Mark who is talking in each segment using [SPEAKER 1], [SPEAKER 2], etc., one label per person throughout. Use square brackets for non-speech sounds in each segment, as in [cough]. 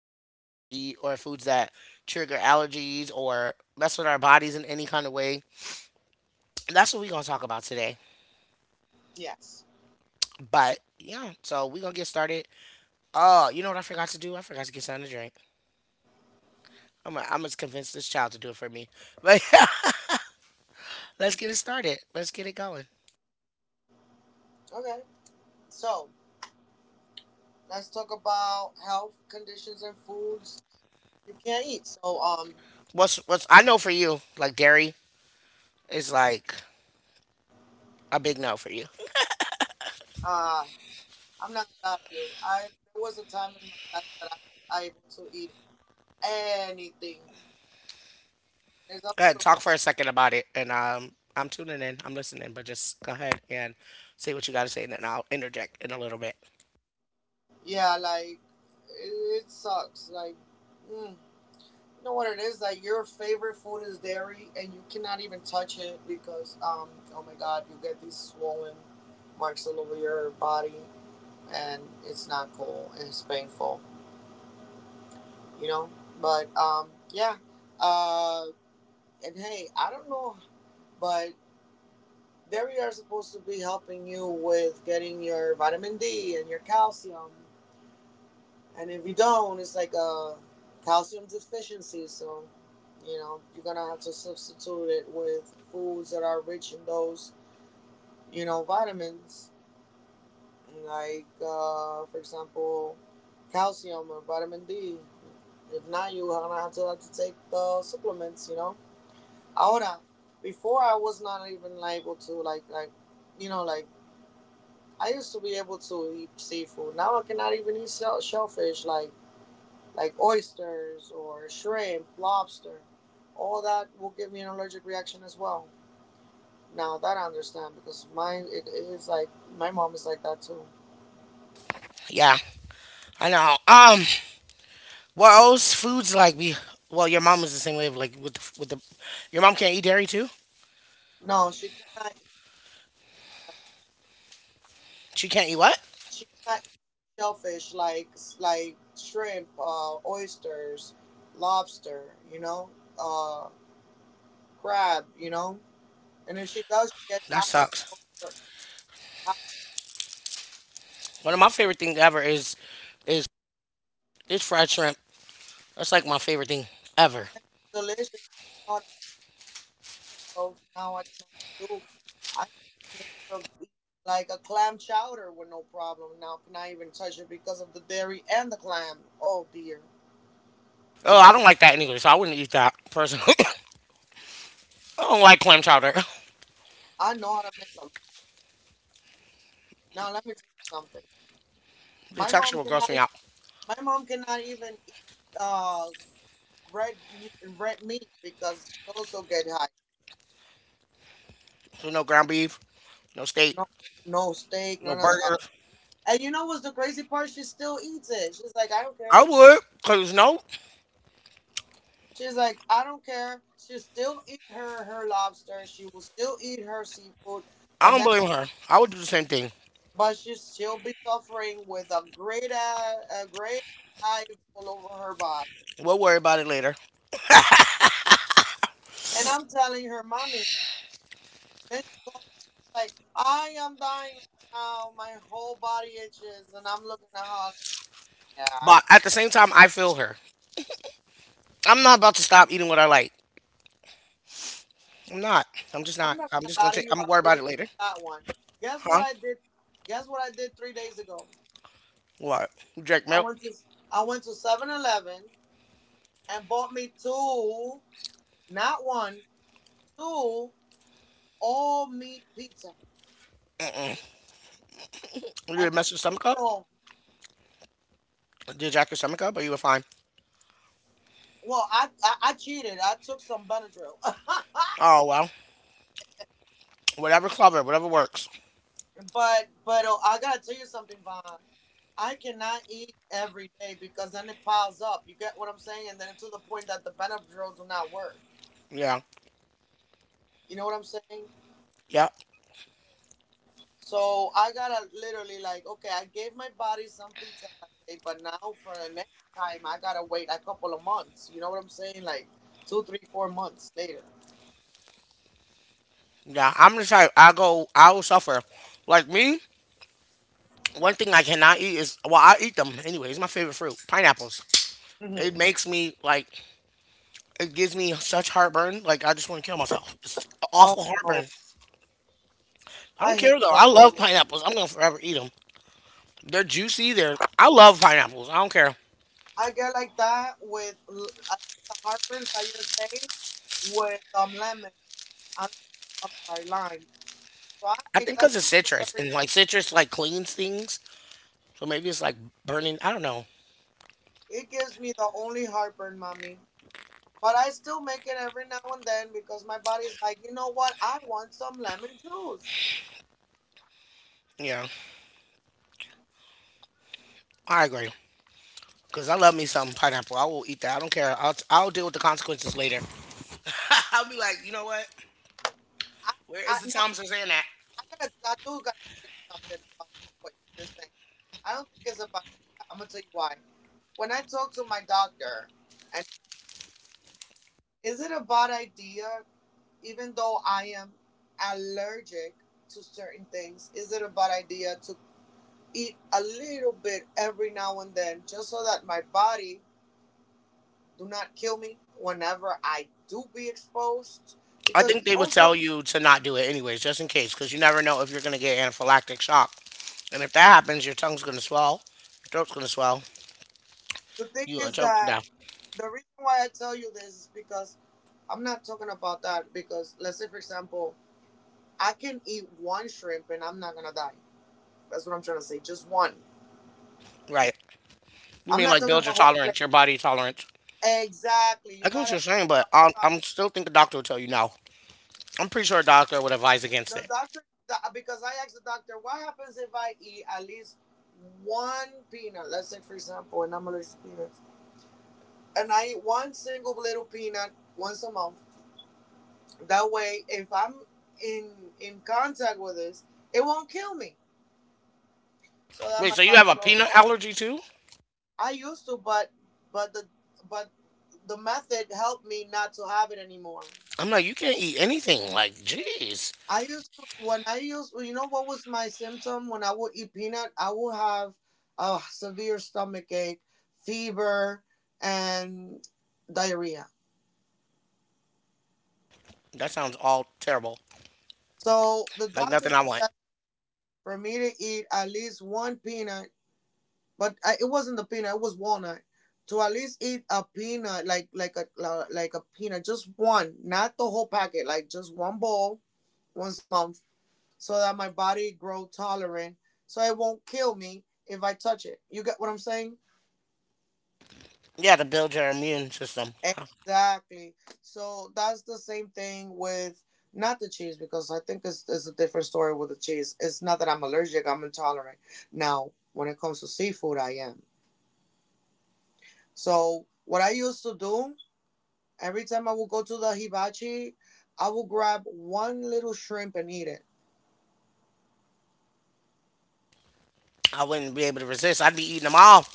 [SPEAKER 1] like foods we can't eat, or foods that trigger allergies or mess with our bodies in any kind of way. That's what we're going to talk about today.
[SPEAKER 2] Yes.
[SPEAKER 1] But yeah, so we're going to get started. Oh, you know what I forgot to do? I forgot to get something to drink. I'm gonna convince this child to do it for me. But [laughs] yeah, let's get it started. Let's get it going.
[SPEAKER 2] Okay. So let's talk about health conditions and foods you can't eat. So
[SPEAKER 1] What's I know for you, like dairy, is like a big no for you.
[SPEAKER 2] uh I'm not gonna lie to you. I There was a time in my life that I was able to eat anything. It's up
[SPEAKER 1] Go
[SPEAKER 2] to
[SPEAKER 1] ahead,
[SPEAKER 2] the.
[SPEAKER 1] talk for a second about it, and I'm tuning in, I'm listening, but just go ahead and say what you got to say, and then I'll interject in a little bit.
[SPEAKER 2] Yeah, like it sucks. Like you know what it is? Like your favorite food is dairy, and you cannot even touch it because oh my god, you get these swollen marks all over your body. And it's not cool, and it's painful, you know. But yeah, uh, and hey, I don't know, but there we are supposed to be helping you with getting your vitamin D and your calcium, and if you don't, it's like a calcium deficiency. So, you know, you're gonna have to substitute it with foods that are rich in those, you know, vitamins, like for example, calcium or vitamin D. If not, you are gonna have to take the supplements, you know. Ahora, before I was not even able to like, you know, like I used to be able to eat seafood. Now I cannot even eat shellfish like oysters or shrimp, lobster. All that will give me an allergic reaction as well. Now that I understand because mine it is like my mom is like that too.
[SPEAKER 1] Yeah, I know. Well, those foods like we, well, your mom was the same way, like your mom can't eat dairy too.
[SPEAKER 2] No, she cannot eat.
[SPEAKER 1] She can't eat what?
[SPEAKER 2] She cannot shellfish like shrimp, oysters, lobster, you know, uh, crab, you know. And if she does, she gets
[SPEAKER 1] That
[SPEAKER 2] high
[SPEAKER 1] sucks.
[SPEAKER 2] over her high
[SPEAKER 1] One of my favorite things ever is is fried shrimp. That's like my favorite thing ever.
[SPEAKER 2] delicious. I know how to make those now. I can do. I used to be able to eat like a clam chowder with no problem. Now can I even touch it because of the dairy and the clam? Oh dear,
[SPEAKER 1] Oh, I don't like that anyway, so I wouldn't eat that personally. [coughs] I don't like clam chowder. [coughs]
[SPEAKER 2] I know how to make them. Now let me tell you something.
[SPEAKER 1] The
[SPEAKER 2] My
[SPEAKER 1] texture
[SPEAKER 2] mom
[SPEAKER 1] will gross
[SPEAKER 2] cannot.
[SPEAKER 1] me
[SPEAKER 2] e-
[SPEAKER 1] out.
[SPEAKER 2] My mom cannot even eat uh, red meat because she also get high.
[SPEAKER 1] So no ground beef, no steak,
[SPEAKER 2] No, no steak,
[SPEAKER 1] no
[SPEAKER 2] none of that.
[SPEAKER 1] burgers.
[SPEAKER 2] And you know what's the crazy part? She still eats it. She's like, I don't
[SPEAKER 1] I
[SPEAKER 2] care.
[SPEAKER 1] would, cause no,
[SPEAKER 2] She's like, I don't care. She still eat her lobster. She will still eat her seafood,
[SPEAKER 1] I
[SPEAKER 2] but
[SPEAKER 1] don't
[SPEAKER 2] then
[SPEAKER 1] blame her. I would do the same thing.
[SPEAKER 2] but she'll be suffering with a great hives all over her body.
[SPEAKER 1] We'll worry about it later.
[SPEAKER 2] And I'm telling her, mommy. Then she calls me like, I am dying right now. My whole body itches, and I'm looking at her, like, yeah,
[SPEAKER 1] But at the same time, I feel her. I'm not about to stop eating what I like. I'm not. I'm just
[SPEAKER 2] I'm
[SPEAKER 1] not.
[SPEAKER 2] not
[SPEAKER 1] I'm
[SPEAKER 2] gonna
[SPEAKER 1] just gonna
[SPEAKER 2] lie to
[SPEAKER 1] take.
[SPEAKER 2] you.
[SPEAKER 1] I'm gonna
[SPEAKER 2] I
[SPEAKER 1] worry
[SPEAKER 2] feel
[SPEAKER 1] about
[SPEAKER 2] you on
[SPEAKER 1] it later.
[SPEAKER 2] that one. Guess what
[SPEAKER 1] Huh?
[SPEAKER 2] I did? Guess what I did 3 days ago?
[SPEAKER 1] What? You drank
[SPEAKER 2] I
[SPEAKER 1] milk?
[SPEAKER 2] went to I went to 7-Eleven and bought me two, not one, two all meat pizza.
[SPEAKER 1] You
[SPEAKER 2] And
[SPEAKER 1] didn't mess your
[SPEAKER 2] I
[SPEAKER 1] stomach up?
[SPEAKER 2] know,
[SPEAKER 1] Did you jack your stomach up, or you were fine?
[SPEAKER 2] well, I cheated. I took some Benadryl,
[SPEAKER 1] Oh well. Whatever clever. Whatever works.
[SPEAKER 2] [laughs] but oh, I gotta tell you something, Von. I cannot eat every day because then it piles up. You get what I'm saying? And then to the point that the Benadryl do not work.
[SPEAKER 1] Yeah.
[SPEAKER 2] You know what I'm saying?
[SPEAKER 1] Yeah.
[SPEAKER 2] So I gotta literally like, okay, I gave my body some pizza that day, but now for the next time, I gotta wait a couple of months. You know what I'm saying? Like 2, 3, 4 months later.
[SPEAKER 1] Yeah. I'm the type. I go. I will suffer. Like me. One thing I cannot eat is, well, I eat them anyway. It's my favorite fruit, pineapples. It
[SPEAKER 2] hmm
[SPEAKER 1] makes me like it gives me such heartburn. Like I just want to kill myself. It's
[SPEAKER 2] Oh
[SPEAKER 1] awful heartburn.
[SPEAKER 2] no,
[SPEAKER 1] I
[SPEAKER 2] I
[SPEAKER 1] don't
[SPEAKER 2] hate
[SPEAKER 1] care though. I love
[SPEAKER 2] those.
[SPEAKER 1] pineapples. I'm gonna forever eat them. They're juicy. They're. I love pineapples. I don't care.
[SPEAKER 2] I get like that. I get the heartburns that you're saying with lemon. I, I'm sorry, lime. So I
[SPEAKER 1] I
[SPEAKER 2] make
[SPEAKER 1] think
[SPEAKER 2] lemon
[SPEAKER 1] because it's
[SPEAKER 2] juice
[SPEAKER 1] citrus
[SPEAKER 2] every.
[SPEAKER 1] and like citrus like cleans things. So maybe it's like burning. I don't know.
[SPEAKER 2] It gives me the only heartburn, mommy. But I still make it every now and then because my body's like, you know what? I want some lemon juice.
[SPEAKER 1] Yeah, I agree. Cause I love me some pineapple. I will eat that. I don't care. I'll deal with the consequences later. [laughs] I'll be like, you know what?
[SPEAKER 2] I,
[SPEAKER 1] Where
[SPEAKER 2] I
[SPEAKER 1] is the
[SPEAKER 2] now
[SPEAKER 1] Tom Suzanne at?
[SPEAKER 2] I gotta I do gotta tell you something about this what you're saying. I don't think it's a bad idea. I'm gonna tell you why. When I talk to my doctor and is it a bad idea, even though I am allergic to certain things, is it a bad idea to eat a little bit every now and then just so that my body do not kill me whenever I do be exposed.
[SPEAKER 1] I
[SPEAKER 2] Because
[SPEAKER 1] think they would tell
[SPEAKER 2] also,
[SPEAKER 1] you to not do it anyways, just in case, because you never know if you're gonna get anaphylactic shock. And if that happens, your tongue's gonna swell, your throat's gonna swell,
[SPEAKER 2] the thing
[SPEAKER 1] you gonna
[SPEAKER 2] is
[SPEAKER 1] choke to
[SPEAKER 2] that
[SPEAKER 1] death.
[SPEAKER 2] the reason why I tell you this is because I'm not talking about that. Because let's say, for example, I can eat one shrimp and I'm not gonna die. That's what I'm trying to say. Just one.
[SPEAKER 1] Right. You
[SPEAKER 2] I'm
[SPEAKER 1] mean
[SPEAKER 2] not
[SPEAKER 1] like
[SPEAKER 2] talking
[SPEAKER 1] build
[SPEAKER 2] about
[SPEAKER 1] your
[SPEAKER 2] whole plate.
[SPEAKER 1] tolerance, your body tolerance.
[SPEAKER 2] Exactly. You
[SPEAKER 1] I get what
[SPEAKER 2] gotta
[SPEAKER 1] you're saying,
[SPEAKER 2] make
[SPEAKER 1] but
[SPEAKER 2] your body
[SPEAKER 1] I'm still think the doctor will tell you no. I'm pretty sure a doctor would advise
[SPEAKER 2] tolerant.
[SPEAKER 1] against it.
[SPEAKER 2] The doctor, the, because I asked the doctor, what happens if I eat at least one peanut? Let's say, for example, and I'm allergic to peanuts and I eat one single little peanut once a month. That way, if I'm in contact with this, it won't kill me. So that
[SPEAKER 1] Wait,
[SPEAKER 2] my
[SPEAKER 1] so you have
[SPEAKER 2] body
[SPEAKER 1] a
[SPEAKER 2] grow.
[SPEAKER 1] peanut allergy too?
[SPEAKER 2] I used to, but the but the method helped me not to have it anymore.
[SPEAKER 1] I'm like, you can't eat anything. Like, jeez.
[SPEAKER 2] I used to when I used You know what was my symptom when I would eat peanut, I would have a severe stomach ache, fever, and diarrhea.
[SPEAKER 1] That sounds all terrible.
[SPEAKER 2] So the
[SPEAKER 1] Like
[SPEAKER 2] doctor
[SPEAKER 1] nothing I want.
[SPEAKER 2] suggested for me to eat at least one peanut, but I, it wasn't the peanut. It was walnut. To at least eat a peanut, like a peanut, just one, not the whole packet, like just one bowl once a month, so that my body grow tolerant, so it won't kill me if I touch it. You get what I'm saying?
[SPEAKER 1] Yeah, to build your immune system. Yeah.
[SPEAKER 2] Exactly. So that's the same thing with not the cheese because I think it's a different story with the cheese. It's not that I'm allergic; I'm intolerant. Now, when it comes to seafood, I am. So what I used to do. Every time I would go to the hibachi, I would grab one little shrimp and eat it.
[SPEAKER 1] I wouldn't be able to resist. I'd be eating them all.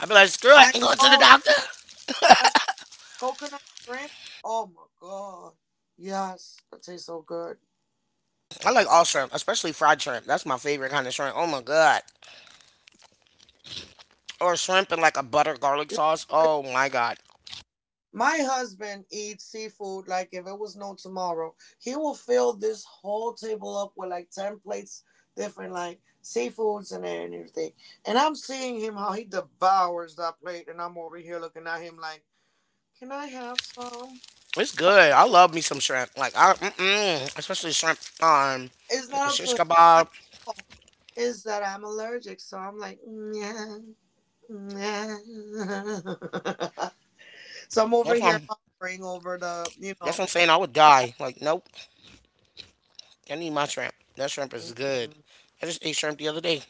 [SPEAKER 1] I'd be like, screw it,
[SPEAKER 2] I
[SPEAKER 1] I'm going to the
[SPEAKER 2] know,
[SPEAKER 1] doctor.
[SPEAKER 2] special coconut shrimp. Oh my god. Yes, that tastes so good.
[SPEAKER 1] I like all shrimp, especially fried shrimp. That's my favorite kind of shrimp. Oh my god. Or shrimp and like a butter garlic sauce. Oh my god,
[SPEAKER 2] My husband eats seafood like if it was no tomorrow. He will fill this whole table up with like 10 plates, different like seafoods and everything. And I'm seeing him how he devours that plate, and I'm over here looking at him like, can I have some?
[SPEAKER 1] it's
[SPEAKER 2] But
[SPEAKER 1] good. I love me some shrimp. Like I, mm-mm, especially shrimp.
[SPEAKER 2] it's
[SPEAKER 1] Like a
[SPEAKER 2] not up to
[SPEAKER 1] shish
[SPEAKER 2] him. It's not
[SPEAKER 1] kebab.
[SPEAKER 2] his fault. Is that I'm allergic. So I'm like, yeah, yeah. [laughs] So I'm over
[SPEAKER 1] That's what
[SPEAKER 2] here
[SPEAKER 1] I'm.
[SPEAKER 2] hovering over the, you
[SPEAKER 1] That's
[SPEAKER 2] know,
[SPEAKER 1] what I'm saying. I would die. Like nope. I need my shrimp. That shrimp is good.
[SPEAKER 2] it's
[SPEAKER 1] I just ate shrimp the other day.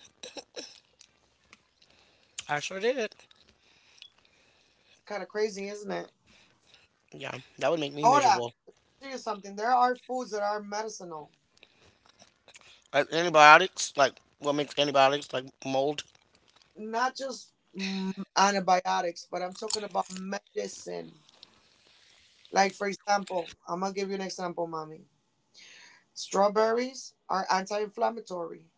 [SPEAKER 1] I sure did.
[SPEAKER 2] kind of crazy, isn't it?
[SPEAKER 1] Yeah, that would make me
[SPEAKER 2] Ahora,
[SPEAKER 1] miserable.
[SPEAKER 2] tell you something. There are foods that are medicinal,
[SPEAKER 1] Like antibiotics. Like what makes antibiotics like mold.
[SPEAKER 2] not just antibiotics, but I'm talking about medicine. Like, for example, I'm going to give you an example, mommy. Strawberries are anti inflammatory,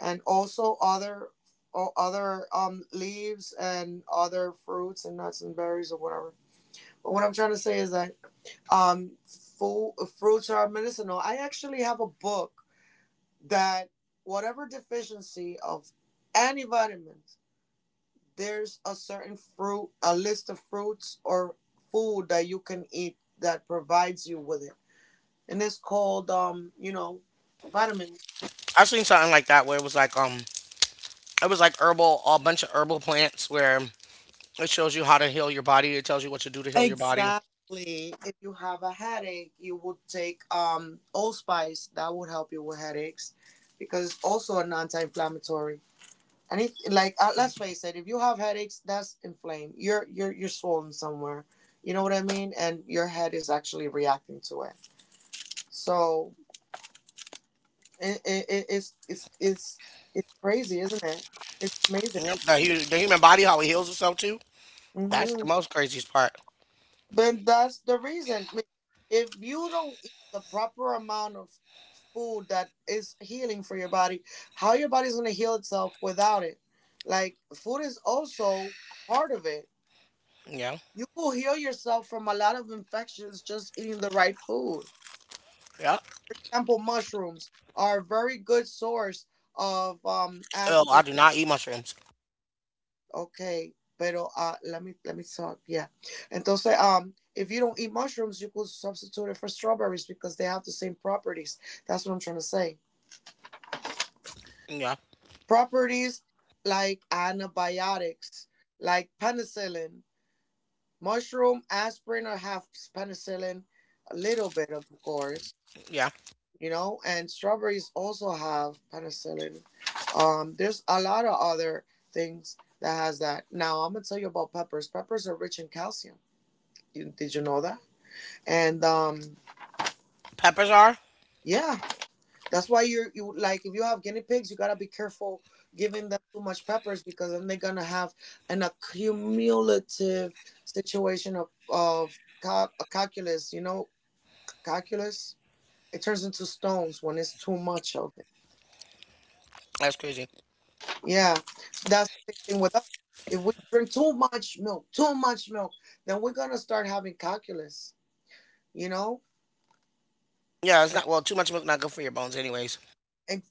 [SPEAKER 2] and also other or other leaves and other fruits and nuts and berries or whatever. But what I'm trying to say is that um food, fruits are medicinal. I actually have a book that whatever deficiency of any vitamins, there's a certain fruit, a list of fruits or food that you can eat that provides you with it. And it's called vitamins.
[SPEAKER 1] I've seen something like that where it was like herbal, a bunch of herbal plants where it shows you how to heal your body. It tells you what to do to heal your body.
[SPEAKER 2] Exactly. If you have a headache, you would take allspice. That would help you with headaches because it's also an anti-inflammatory. And it, like let's face it, if you have headaches, that's inflamed. You're swollen somewhere. You know what I mean? And your head is actually reacting to it. So it, it, it- it's it's it's it's crazy, isn't it? It's amazing.
[SPEAKER 1] Yep, the human body, how it heals itself too. That's the
[SPEAKER 2] Mhm.
[SPEAKER 1] most craziest part.
[SPEAKER 2] But that's the reason. I mean, if you don't eat the proper amount of food that is healing for your body, how your body's gonna heal itself without it? Like food is also part of it.
[SPEAKER 1] Yeah,
[SPEAKER 2] You will heal yourself from a lot of infections just eating the right food.
[SPEAKER 1] yeah.
[SPEAKER 2] For example, mushrooms are a very good source of
[SPEAKER 1] Oh, I
[SPEAKER 2] aspirin.
[SPEAKER 1] do not eat mushrooms.
[SPEAKER 2] Okay, pero let me talk. Yeah, entonces, if you don't eat mushrooms, you could substitute it for strawberries because they have the same properties. That's what I'm trying to say.
[SPEAKER 1] Yeah,
[SPEAKER 2] Properties like antibiotics, like penicillin, mushroom, aspirin, or half penicillin, a little bit of course,
[SPEAKER 1] yeah.
[SPEAKER 2] you know. And strawberries also have penicillin. There's a lot of other things that has that. Now I'm gonna tell you about peppers. Peppers are rich in calcium. You, did you know that? And
[SPEAKER 1] Peppers are.
[SPEAKER 2] yeah, that's why you're you like if you have guinea pigs, you gotta be careful giving them too much peppers because then they're gonna have an accumulative situation of a calculus. You know, calculus. It turns into stones when it's too much of it.
[SPEAKER 1] That's crazy.
[SPEAKER 2] Yeah, so that's the same thing with us. If we drink too much milk, then we're gonna start having calculus. You know,
[SPEAKER 1] Yeah, it's not. Well, too much milk not good for your bones, anyways.
[SPEAKER 2] and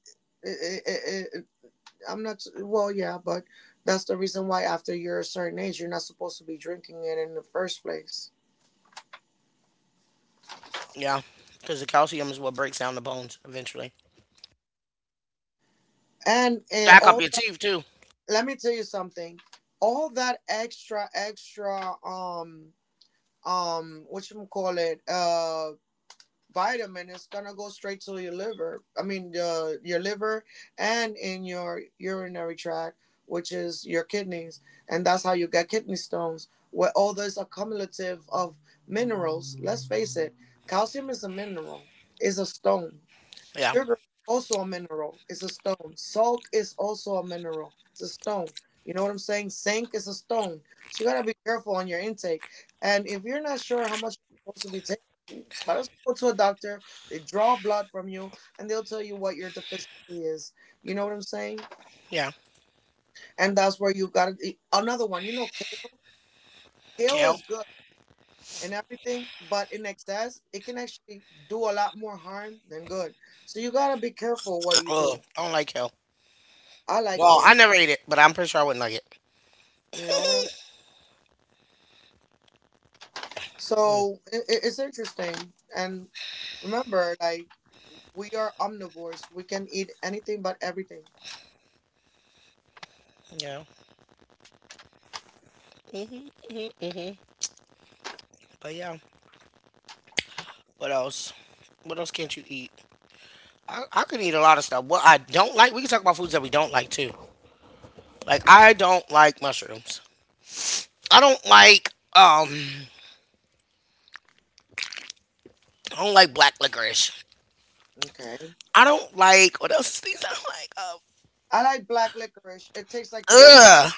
[SPEAKER 2] and I'm not, well, yeah, but that's the reason why after you're a certain age, you're not supposed to be drinking it in the first place.
[SPEAKER 1] Yeah, because the calcium is what breaks down the bones eventually.
[SPEAKER 2] And
[SPEAKER 1] Jack up
[SPEAKER 2] all,
[SPEAKER 1] your teeth too.
[SPEAKER 2] let me tell you something. All that extra, extra, what you call it. Vitamin is gonna go straight to your liver, your liver and in your urinary tract, which is your kidneys. And that's how you get kidney stones, where all this accumulative of minerals. Let's face it, calcium is a mineral, is a stone.
[SPEAKER 1] Yeah,
[SPEAKER 2] Sugar is also a mineral. It's a stone. Salt is also a mineral. It's a stone. You know what I'm saying? Sink is a stone. So you gotta be careful on your intake. And if you're not sure how much you're supposed to be taking, you might as well go to a doctor. They draw blood from you and they'll tell you what your deficiency is. You know what I'm saying?
[SPEAKER 1] yeah.
[SPEAKER 2] And that's where you gotta, another one. You know, kale. Kale is
[SPEAKER 1] Kale.
[SPEAKER 2] good and everything, but in excess, it can actually do a lot more harm than good. So you gotta be careful what
[SPEAKER 1] [clears throat]
[SPEAKER 2] you
[SPEAKER 1] Ugh,
[SPEAKER 2] do.
[SPEAKER 1] I don't like kale.
[SPEAKER 2] I like
[SPEAKER 1] Well, I
[SPEAKER 2] kale.
[SPEAKER 1] never ate it, but I'm pretty sure I wouldn't like it.
[SPEAKER 2] You know what I'm,
[SPEAKER 1] Mm,
[SPEAKER 2] it's interesting. And remember, like, we are omnivores, we can eat anything, but everything.
[SPEAKER 1] yeah. Mhm. Mhm. Mhm. But yeah. What else? What else can't you eat? I could eat a lot of stuff. What I don't like, we can talk about foods that we don't like too. Like I don't like mushrooms. I don't like um I don't like black licorice.
[SPEAKER 2] Okay.
[SPEAKER 1] I don't like what else is things I don't like.
[SPEAKER 2] I like black licorice, it tastes like root,
[SPEAKER 1] Ugh,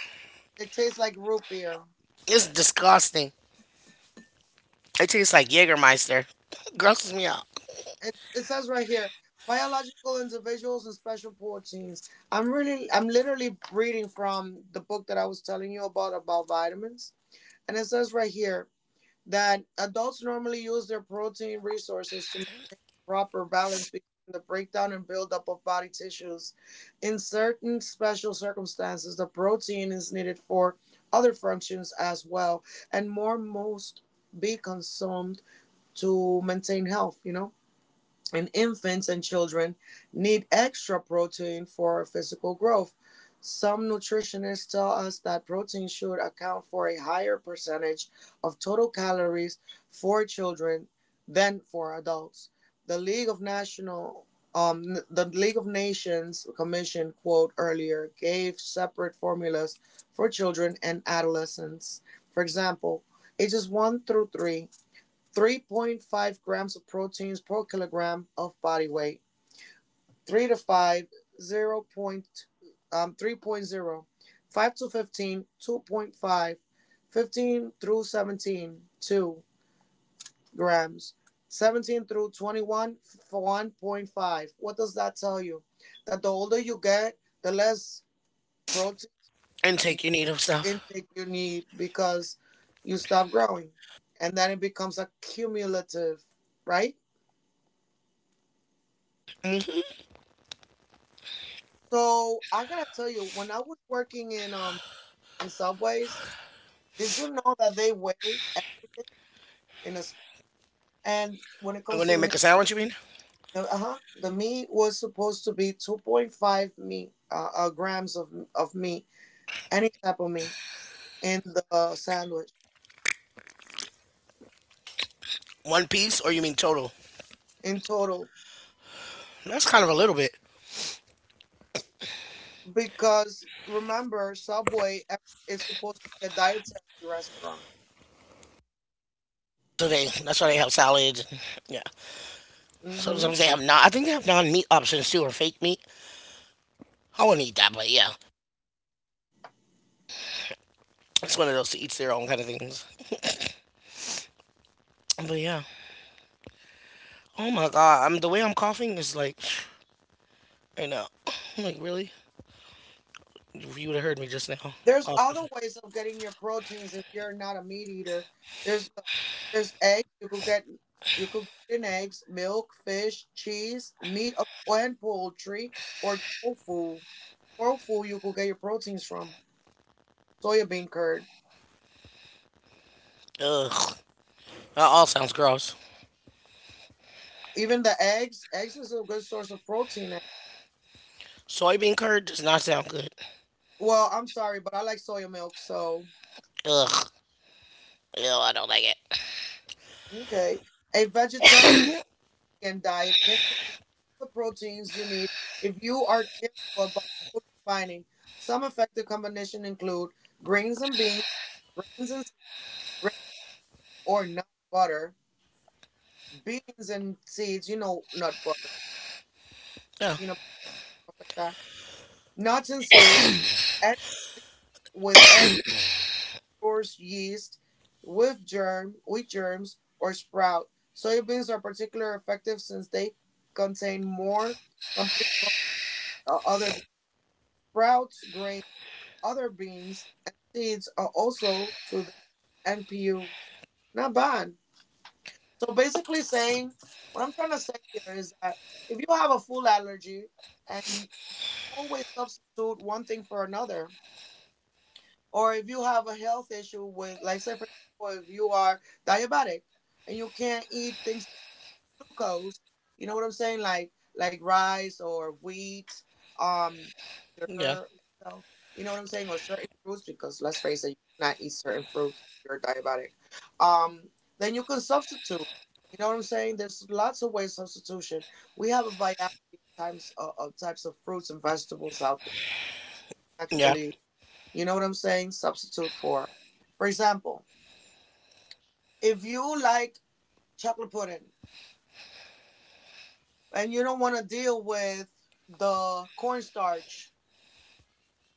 [SPEAKER 2] it tastes like root beer.
[SPEAKER 1] it's disgusting. It tastes like Jägermeister. Grosses me out.
[SPEAKER 2] It says right here, biological individuals and special proteins. I'm really, I'm literally reading from the book that I was telling you about vitamins. And it says right here that adults normally use their protein resources to proper balance between the breakdown and buildup of body tissues. In certain special circumstances, the protein is needed for other functions as well, and more must be consumed to maintain health, you know? And infants and children need extra protein for physical growth. Some nutritionists tell us that protein should account for a higher percentage of total calories for children than for adults. The League of National, um, the League of Nations Commission quote earlier gave separate formulas for children and adolescents. For example, ages 1 through 3, 3.5 grams of proteins per kilogram of body weight. 3 to five zero Point, 3.0. 5 to 15, 2.5. 15 through 17, 2 grams. 17 through 21, 1.5. What does that tell you? That the older you get, the less protein
[SPEAKER 1] Intake, you need of stuff.
[SPEAKER 2] intake you need, because you stop growing. And then it becomes a cumulative, right?
[SPEAKER 1] Hmm.
[SPEAKER 2] So I gotta tell you, when I was working in subways, did you know that they weigh at- in a scale? And when it comes
[SPEAKER 1] When
[SPEAKER 2] to
[SPEAKER 1] they
[SPEAKER 2] the
[SPEAKER 1] make
[SPEAKER 2] meat,
[SPEAKER 1] a sandwich, you mean
[SPEAKER 2] the meat was supposed to be 2.5 meat grams of meat, any type of meat in the sandwich,
[SPEAKER 1] one piece, or you mean total?
[SPEAKER 2] in total.
[SPEAKER 1] That's kind of a little bit.
[SPEAKER 2] Because remember, Subway is supposed to be a dietary restaurant.
[SPEAKER 1] So they that's why they have salads. Yeah.
[SPEAKER 2] Hmm.
[SPEAKER 1] Sometimes they have not. I think they have non meat options too, or fake meat. I wouldn't eat that, but yeah, it's one of those to each their own kind of things. But yeah, oh my god, I'm the way I'm coughing is like [sniffs] right now. [sniffs] I'm like really? You would have heard me just now.
[SPEAKER 2] There's
[SPEAKER 1] Off the
[SPEAKER 2] other ways of getting your proteins if you're not a meat eater. There's uh, there's eggs. You could get, you could get in eggs, milk, fish, cheese, meat of and poultry, or tofu. Tofu, you could get your proteins from soybean curd.
[SPEAKER 1] ugh. That all sounds gross.
[SPEAKER 2] Even the eggs. Eggs is a good source of protein. Eh.
[SPEAKER 1] Soybean curd does not sound good.
[SPEAKER 2] Well, I'm sorry, but I like soya milk. So,
[SPEAKER 1] Ugh. Ew, I don't like it.
[SPEAKER 2] okay, a vegetarian and diet can supply all the proteins you need if you are careful about food combining. Some effective combination include grains and beans, grains and seeds, grains or nut butter, beans and seeds, you know, nut butter,
[SPEAKER 1] Yeah.
[SPEAKER 2] peanut butter, stuff like that. Nuts and seeds with egg or yeast, with germ, wheat germs, or sprout. Soybeans are particularly effective since they contain more complete protein than other bean sprouts, grains. Other beans and seeds are also to their NPU, not bad. So basically, saying, what I'm trying to say here is that if you have a food allergy and you always substitute one thing for another, or if you have a health issue with, like, say, for example, if you are diabetic and you can't eat things glucose. You know what I'm saying? Like rice or wheat, um,
[SPEAKER 1] Yeah.
[SPEAKER 2] sugar itself. You know what I'm saying? Or certain fruits, because let's face it, you cannot eat certain fruits if you're diabetic. Um, then you can substitute. You know what I'm saying? There's lots of ways substitution. We have a variety of types of fruits and vegetables out there.
[SPEAKER 1] Yeah.
[SPEAKER 2] Actually, you know what I'm saying? Substitute for. For example, if you like chocolate pudding, and you don't want to deal with the cornstarch,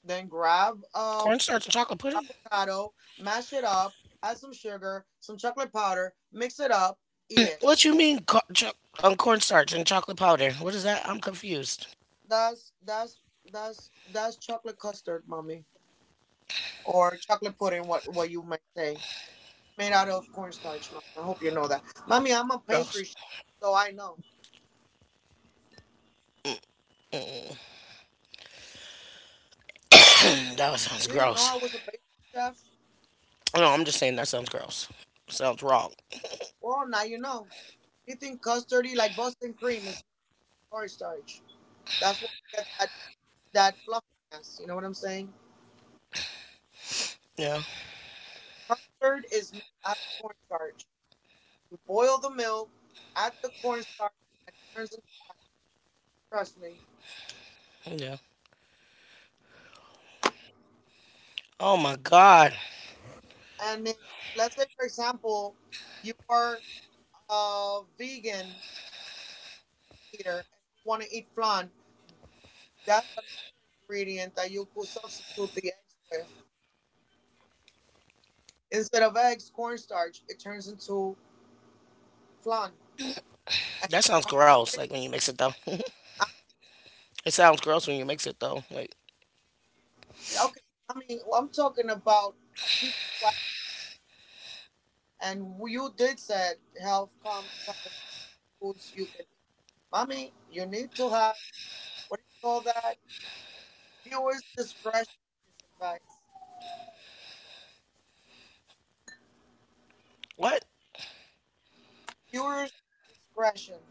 [SPEAKER 2] then grab a
[SPEAKER 1] Cornstarch and chocolate pudding?
[SPEAKER 2] avocado, mash it up, add some sugar, some chocolate powder, mix it up, eat it.
[SPEAKER 1] What you mean cornstarch and chocolate powder? What is that? I'm confused.
[SPEAKER 2] That's that's that's chocolate custard, mommy, or chocolate pudding. What you might say, made out of cornstarch. Mommy, I hope you know that, mommy. I'm a pastry
[SPEAKER 1] Gross.
[SPEAKER 2] chef, so I know.
[SPEAKER 1] [clears throat] that sounds
[SPEAKER 2] You didn't know
[SPEAKER 1] gross.
[SPEAKER 2] I was a pastry chef.
[SPEAKER 1] No, I'm just saying that sounds gross. Sounds wrong.
[SPEAKER 2] Well, now you know. Anything custardy like Boston cream is cornstarch. That's why you get that, that fluffiness. You know what I'm saying?
[SPEAKER 1] Yeah.
[SPEAKER 2] Custard is made out of cornstarch. You boil the milk, add the cornstarch, and it turns into that. Trust me.
[SPEAKER 1] Yeah. Oh my god.
[SPEAKER 2] And if, let's say, for example, you are a vegan eater and you want to eat flan, that's another ingredient that you could substitute the eggs with. Instead of eggs, cornstarch, it turns into flan. And
[SPEAKER 1] That sounds
[SPEAKER 2] corn-
[SPEAKER 1] gross,
[SPEAKER 2] it,
[SPEAKER 1] like when you mix it though.
[SPEAKER 2] I-
[SPEAKER 1] It sounds gross when you mix it though. Like
[SPEAKER 2] okay, I mean, I'm talking about people, who. And you did said health combination foods you can eat. Mommy, you need to have, what do you call that? Viewers discretion is advice.
[SPEAKER 1] what?
[SPEAKER 2] Viewers discretion.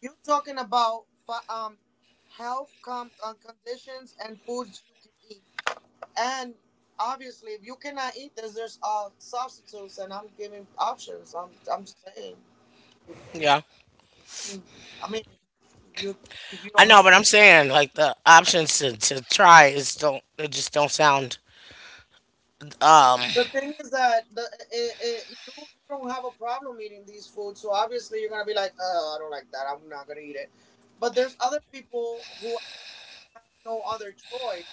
[SPEAKER 2] You talking about health conditions and foods you can eat. And obviously, if you cannot eat this, there's substitutes, and I'm giving options. I'm just saying.
[SPEAKER 1] Yeah,
[SPEAKER 2] I mean, if you if you
[SPEAKER 1] I
[SPEAKER 2] don't
[SPEAKER 1] know, but
[SPEAKER 2] like
[SPEAKER 1] I'm
[SPEAKER 2] it.
[SPEAKER 1] saying like the options to try is don't it just don't sound um
[SPEAKER 2] The thing is that you, you don't have a problem eating these foods, so obviously you're gonna be like, oh, I don't like that, I'm not gonna eat it. But there's other people who have no other choice.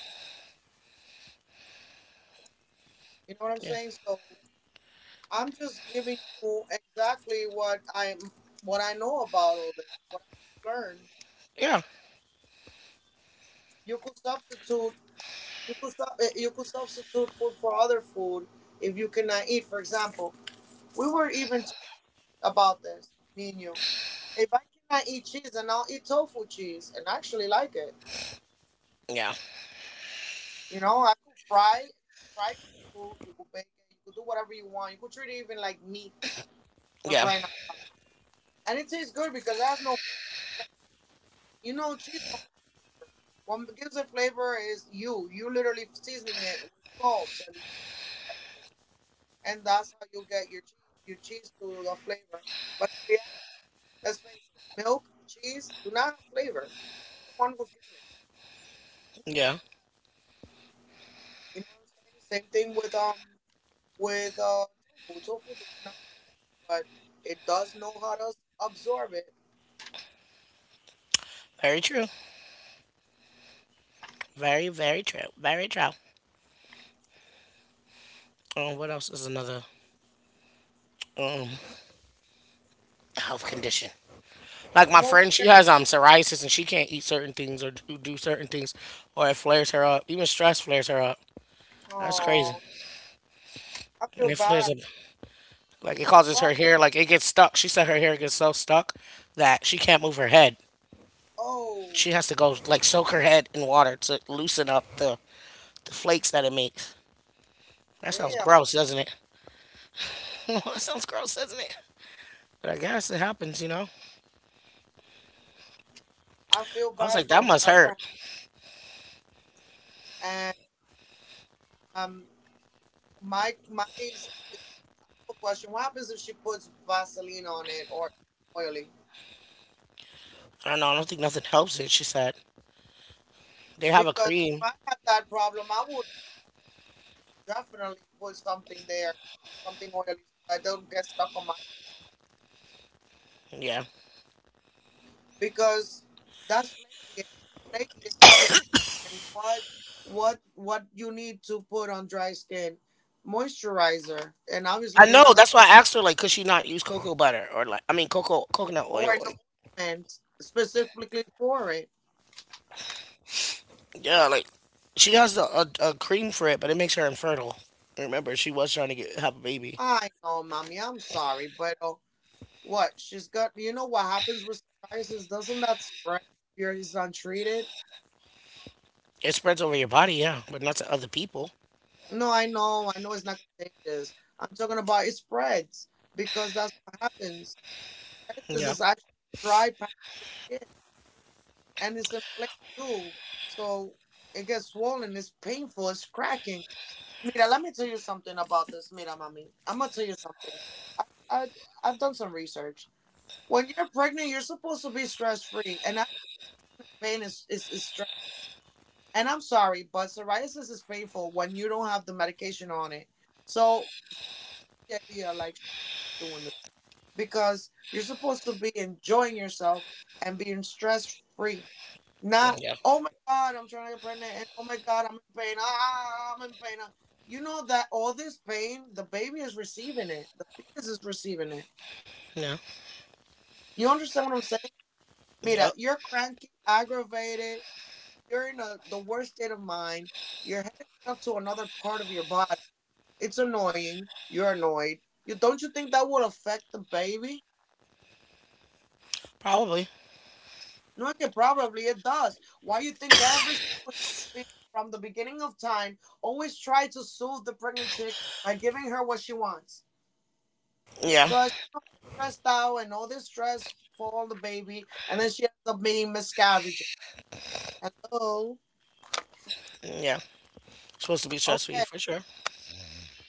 [SPEAKER 2] You know what I'm
[SPEAKER 1] yeah
[SPEAKER 2] saying? So I'm just giving you exactly what I'm, what I know about all this, what I've learned.
[SPEAKER 1] yeah
[SPEAKER 2] You could substitute, you could substitute food for other food if you cannot eat. For example, we were even talking about this, Nino. If I cannot eat cheese, then I'll eat tofu cheese, and I actually like it.
[SPEAKER 1] yeah
[SPEAKER 2] You know, I could fry, fry tofu. You could bake it. You could do whatever you want. You could treat it even like meat, for
[SPEAKER 1] yeah
[SPEAKER 2] crying out loud. And it tastes good because it has no flavor. It's like, you know, cheese don't have flavor. What gives it flavor is you. You literally seasoning it with salt and maybe anything else, and that's how you get your cheese to the flavor. But in reality, let's face it, milk, cheese do not have flavor. You're the one who's giving it.
[SPEAKER 1] yeah
[SPEAKER 2] You know what I'm saying? Same thing with with uh tofu. Tofu does not have flavor, but it does know how to absorb it.
[SPEAKER 1] very true, very very true, very true. What else is another um health condition? Like my
[SPEAKER 2] I'm over
[SPEAKER 1] friend, she
[SPEAKER 2] here.
[SPEAKER 1] has psoriasis and she can't eat certain things or do certain things, or it flares her up. Even stress flares her up. That's crazy.
[SPEAKER 2] Oh, I
[SPEAKER 1] And
[SPEAKER 2] feel
[SPEAKER 1] it flares
[SPEAKER 2] bad.
[SPEAKER 1] up. Like it causes her
[SPEAKER 2] Fuck.
[SPEAKER 1] hair, like it gets stuck. She said her hair gets so stuck that she can't move her head.
[SPEAKER 2] Oh,
[SPEAKER 1] She has to go like soak her head in water to loosen up the flakes that it makes. That sounds
[SPEAKER 2] damn.
[SPEAKER 1] gross, doesn't it? [laughs] that sounds gross, doesn't it? But I guess it happens, you know?
[SPEAKER 2] I feel
[SPEAKER 1] I was
[SPEAKER 2] bad
[SPEAKER 1] like, that
[SPEAKER 2] for
[SPEAKER 1] must hurt.
[SPEAKER 2] whoever. And um, my, my simple question: what happens if she puts Vaseline on it, or oily?
[SPEAKER 1] I don't know. I don't think nothing helps it, she said. They have a
[SPEAKER 2] Because if
[SPEAKER 1] cream.
[SPEAKER 2] I had that problem, I would definitely put something there, like, something oily, so I don't get stuck on my.
[SPEAKER 1] Yeah.
[SPEAKER 2] Because that's flaky. Anything flaky is dry skin, and what what you need to put on dry skin, moisturizer, and
[SPEAKER 1] I
[SPEAKER 2] obviously you're
[SPEAKER 1] know.
[SPEAKER 2] not gonna,
[SPEAKER 1] That's why I asked her, like, could she not use cocoa butter or, like, I mean, cocoa, coconut
[SPEAKER 2] or
[SPEAKER 1] oil?
[SPEAKER 2] an
[SPEAKER 1] Like,
[SPEAKER 2] ointment specifically for it.
[SPEAKER 1] yeah, like, she has a cream for it, but it makes her infertile. Remember, she was trying to get have a baby.
[SPEAKER 2] I know, mommy. I'm sorry, but what she's got. You know what happens with psoriasis? Doesn't that spread if it's untreated?
[SPEAKER 1] It spreads over your body, yeah, but not to other people.
[SPEAKER 2] No, I know. I know it's not contagious. I'm talking about it spreads because that's what happens. Psoriasis
[SPEAKER 1] Yeah,
[SPEAKER 2] is actually dry patches, and it's inflamed too. So it gets swollen. It's painful. It's cracking. Mira, let me tell you something about this. Mira, mami. I'm gonna tell you something. I, I I've done some research. When you're pregnant, you're supposed to be stress free, and that pain is stress. And I'm sorry, but psoriasis is painful when you don't have the medication on it. So yeah, idea like doing it, because you're supposed to be enjoying yourself and being stress free. Not,
[SPEAKER 1] yeah,
[SPEAKER 2] oh my God, I'm trying to get pregnant, and oh my God, I'm in pain. Ah, ah, I'm in pain. Ah." You know that all this pain, the baby is receiving it. The fetus is receiving it.
[SPEAKER 1] yeah,
[SPEAKER 2] You understand what I'm saying? Mira,
[SPEAKER 1] yep,
[SPEAKER 2] you're cranky, aggravated. You're in a, the worst state of mind. You're headed up to another part of your body. It's annoying. You're annoyed. You don't, you think that would affect the baby?
[SPEAKER 1] probably.
[SPEAKER 2] No, okay, probably it does. Why you think every single human being from the beginning of time always tried to soothe the pregnant chick by giving her what she wants?
[SPEAKER 1] Yeah,
[SPEAKER 2] So as she's stressed out, and all this stress fall on the baby, and then she ends up being miscarriage. Hello.
[SPEAKER 1] yeah. Supposed to be stress free
[SPEAKER 2] Okay,
[SPEAKER 1] for sure.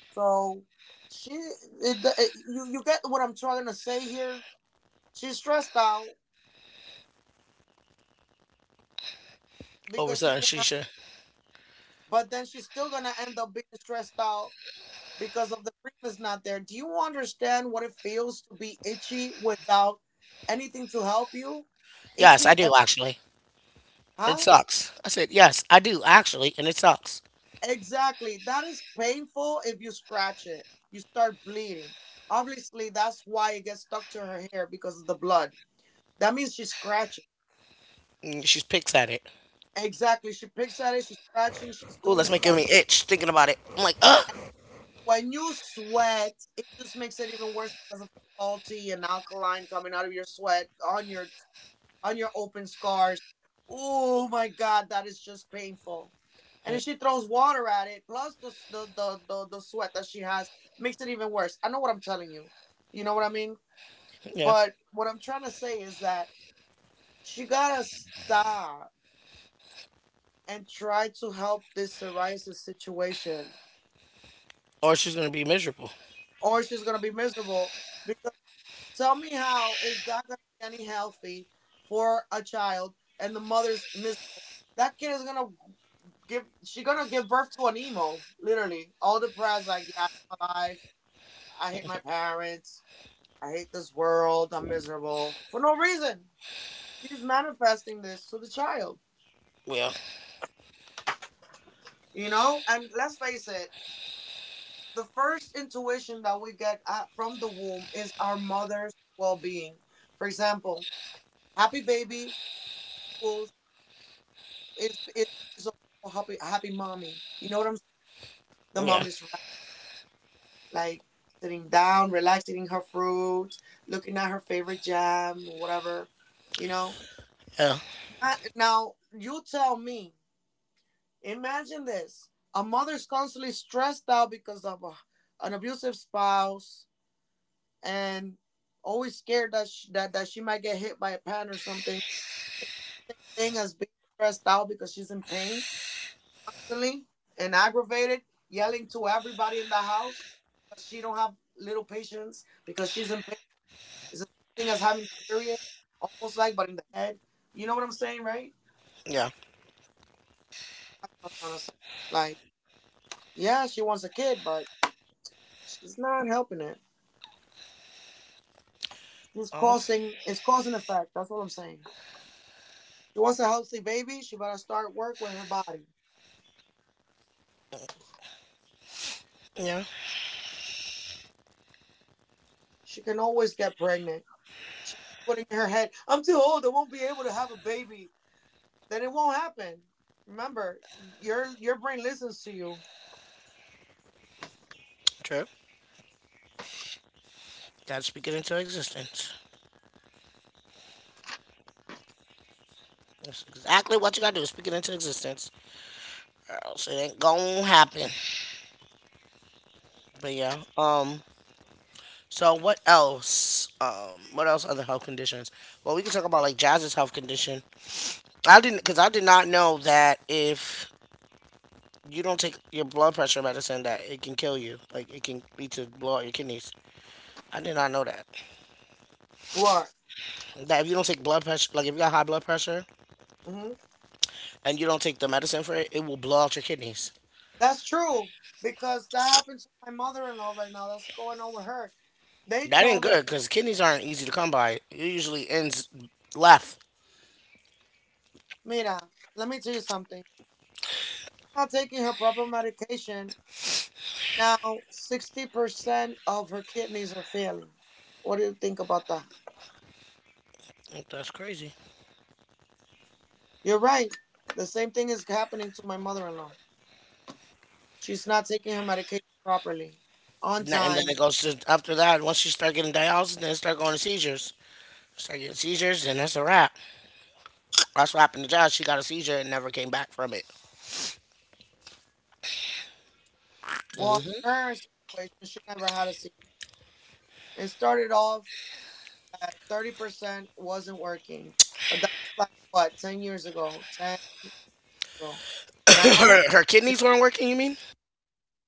[SPEAKER 2] so she, it, you get what I'm trying to say here. She's stressed out
[SPEAKER 1] Over
[SPEAKER 2] because she
[SPEAKER 1] something she
[SPEAKER 2] can't,
[SPEAKER 1] should.
[SPEAKER 2] but then she's still gonna end up being stressed out because of the grief is not there. Do you understand what it feels to be itchy without anything to help you?
[SPEAKER 1] Yes, I
[SPEAKER 2] Itchy, and,
[SPEAKER 1] do actually. It
[SPEAKER 2] huh?
[SPEAKER 1] sucks. I said yes, I do actually, and it sucks.
[SPEAKER 2] Exactly. That is painful if you scratch it. You start bleeding. Obviously, that's why it gets stuck to her hair because of the blood. That means she's scratching.
[SPEAKER 1] And she picks at it.
[SPEAKER 2] Exactly. She picks at it, she's scratching, she's
[SPEAKER 1] Oh,
[SPEAKER 2] doing
[SPEAKER 1] that's making
[SPEAKER 2] stuff.
[SPEAKER 1] me itch thinking about it. I'm like, ah,
[SPEAKER 2] When you sweat, it just makes it even worse because of the salty and alkaline coming out of your sweat on your open scars. Oh my God, that is just painful. And if she throws water at it, plus the sweat that she has, makes it even worse. I know what I'm telling you. You know what I mean?
[SPEAKER 1] yeah.
[SPEAKER 2] But what I'm trying to say is that she gotta stop and try to help this psoriasis situation,
[SPEAKER 1] Or she's gonna be miserable.
[SPEAKER 2] or she's gonna be miserable. Because tell me how is that gonna be any healthy for a child and the mother's miserable? That kid is gonna give she gonna give birth to an emo, literally. All depressed, like, yeah, I hate my life. I hate my parents. I hate this world. I'm miserable for no reason. She's manifesting this to the child,
[SPEAKER 1] Yeah,
[SPEAKER 2] you know. And let's face it, the first intuition that we get from the womb is our mother's well-being. For example, happy baby equals is happy mommy. You know what I'm saying? The mom
[SPEAKER 1] yeah,
[SPEAKER 2] is right. Like sitting down, relaxing, eating her fruit, looking at her favorite jam, whatever, you know.
[SPEAKER 1] yeah,
[SPEAKER 2] Now, you tell me, imagine this. A mother's constantly stressed out because of a, an abusive spouse and always scared that she, that she might get hit by a pan or something. Same thing as being stressed out because she's in pain constantly and aggravated, yelling to everybody in the house because she don't have little patience because she's in. It's the same thing as having the period, almost, like, but in the head. You know what I'm saying, right?
[SPEAKER 1] yeah.
[SPEAKER 2] I'm trying to say, like, yeah, she wants a kid, but she's not helping it. She's
[SPEAKER 1] Oh,
[SPEAKER 2] causing, it's cause and effect. That's what I'm saying. She wants a healthy baby. She better start work with her body.
[SPEAKER 1] yeah.
[SPEAKER 2] She can always get pregnant. She putting in her head, I'm too old. I won't be able to have a baby. Then it won't happen. Remember, your brain listens to you.
[SPEAKER 1] True. Gotta speak it into existence. That's exactly what you gotta do. Speak it into existence, or else it ain't gonna happen. But yeah. So what else? What else? Other health conditions? Well, we can talk about like Jazz's health condition. I didn't, cause I did not know that if you don't take your blood pressure medicine, that it can kill you. Like it can lead to blow out your kidneys. I did not know that.
[SPEAKER 2] What?
[SPEAKER 1] That if you don't take blood pressure, like if you got high blood pressure
[SPEAKER 2] Hmm.
[SPEAKER 1] and you don't take the medicine for it, it will blow out your kidneys.
[SPEAKER 2] That's true because that happened to my mother-in-law right now. That's going on with her. They
[SPEAKER 1] That ain't
[SPEAKER 2] told her,
[SPEAKER 1] good, cause kidneys aren't easy to come by. It usually ends left.
[SPEAKER 2] mira, let me tell you something. Not taking her proper medication. Now, 60% of her kidneys are failing. What do you think about that?
[SPEAKER 1] That's crazy.
[SPEAKER 2] You're right. The same thing is happening to my mother in law. She's not taking her medication properly, on
[SPEAKER 1] And then it
[SPEAKER 2] time.
[SPEAKER 1] goes to after that. Once you start getting dialysis, then it start going to seizures. Start getting seizures, and that's a wrap. That's what happened to Josh. She got a seizure and never came back from it.
[SPEAKER 2] Well,
[SPEAKER 1] Mhm.
[SPEAKER 2] in her situation, she never had a seizure. It started off at 30% wasn't working. But that was like, what, 10 years ago? 10 years ago.
[SPEAKER 1] [laughs]
[SPEAKER 2] Now,
[SPEAKER 1] her kidneys weren't working, you mean?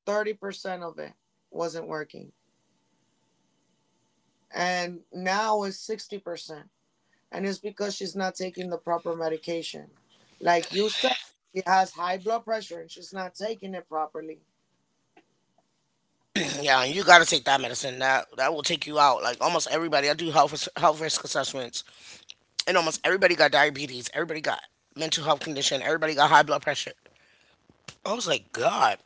[SPEAKER 2] 30% of it wasn't working. And now it's 60%. And it's because she's not taking the proper medication. Like you said, she has high blood pressure and she's not taking it properly.
[SPEAKER 1] [clears throat] yeah, and you got to take that medicine. That will take you out. Like almost everybody, I do health risk assessments, and almost everybody got diabetes. Everybody got mental health condition. Everybody got high blood pressure. I was like, God,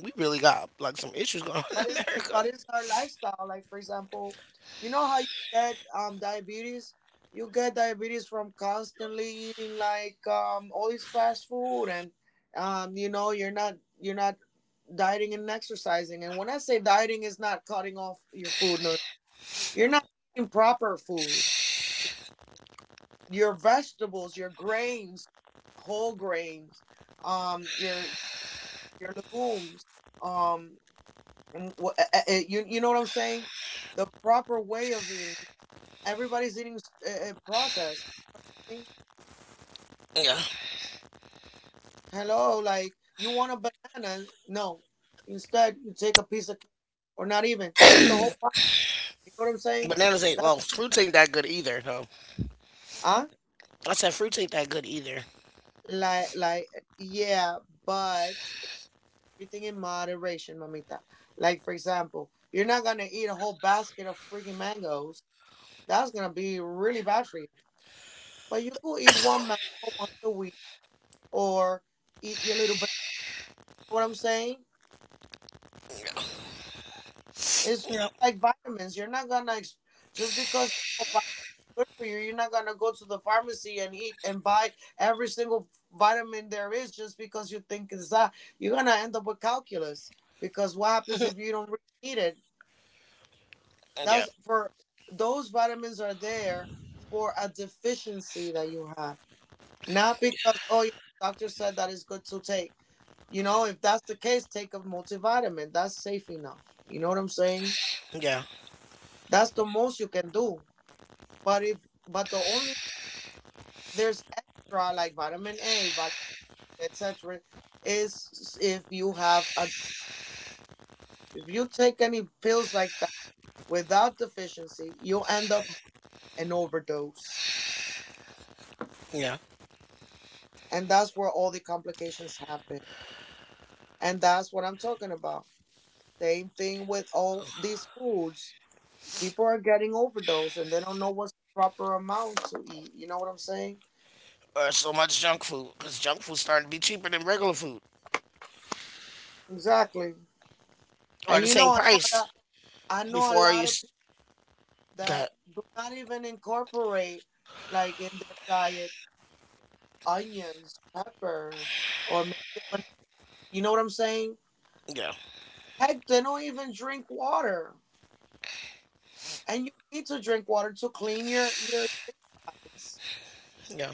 [SPEAKER 1] we really got like some issues going on
[SPEAKER 2] But
[SPEAKER 1] in
[SPEAKER 2] it's
[SPEAKER 1] America.
[SPEAKER 2] but it's her lifestyle. Like for example, you know how you get diabetes? You get diabetes from constantly eating like all this fast food and you know you're not dieting and exercising. And when I say dieting is not cutting off your food, no. You're not eating proper food. Your vegetables, your grains, whole grains, um, your your legumes, um, and you you know what I'm saying? The proper way of eating. Everybody's eating processed.
[SPEAKER 1] Yeah,
[SPEAKER 2] Hello, like you want a banana? No. Instead, you take a piece of cake, or not even take the whole. You know what I'm saying?
[SPEAKER 1] bananas ain't
[SPEAKER 2] That's,
[SPEAKER 1] well. Fruits ain't that good either, though.
[SPEAKER 2] huh?
[SPEAKER 1] I said fruits ain't that good either.
[SPEAKER 2] Like, yeah, but everything in moderation, mamita. Like for example, you're not gonna eat a whole basket of freaking mangoes. That's gonna be really bad for you. But you could eat one mango once a week, or eat your little. But what I'm saying is
[SPEAKER 1] Yep.
[SPEAKER 2] like vitamins. You're not gonna just because you know good for you. You're not gonna go to the pharmacy and eat and buy every single vitamin there is just because you think it's that. You're gonna end up with calculus because what happens if
[SPEAKER 1] [laughs]
[SPEAKER 2] you don't really eat it?
[SPEAKER 1] Yeah.
[SPEAKER 2] That's for those vitamins are there for a deficiency that you have, not because oh yeah, doctor said that is good to take. You know, if that's the case, take a multivitamin. That's safe enough. You know what I'm saying?
[SPEAKER 1] Yeah.
[SPEAKER 2] That's the most you can do. But if but the only, there's extra like vitamin A, vitamin etc. Is if you have a if you take any pills like that without deficiency, you'll end up an overdose.
[SPEAKER 1] Yeah.
[SPEAKER 2] And that's where all the complications happen. And that's what I'm talking about. Same thing with all these foods. People are getting overdose and they don't know what's the proper amount to eat. You know what I'm saying?
[SPEAKER 1] Or so much junk food because junk food starting to be cheaper than regular food
[SPEAKER 2] Exactly.
[SPEAKER 1] or
[SPEAKER 2] And
[SPEAKER 1] the
[SPEAKER 2] you
[SPEAKER 1] same
[SPEAKER 2] know,
[SPEAKER 1] price.
[SPEAKER 2] I know a
[SPEAKER 1] Before you
[SPEAKER 2] lot of people that
[SPEAKER 1] got.
[SPEAKER 2] do not even incorporate, like in their diet, onions, pepper, or maybe, a banana. You know what I'm saying?
[SPEAKER 1] Yeah,
[SPEAKER 2] Heck, they don't even drink water. And you need to drink water to clean your insides.
[SPEAKER 1] yeah,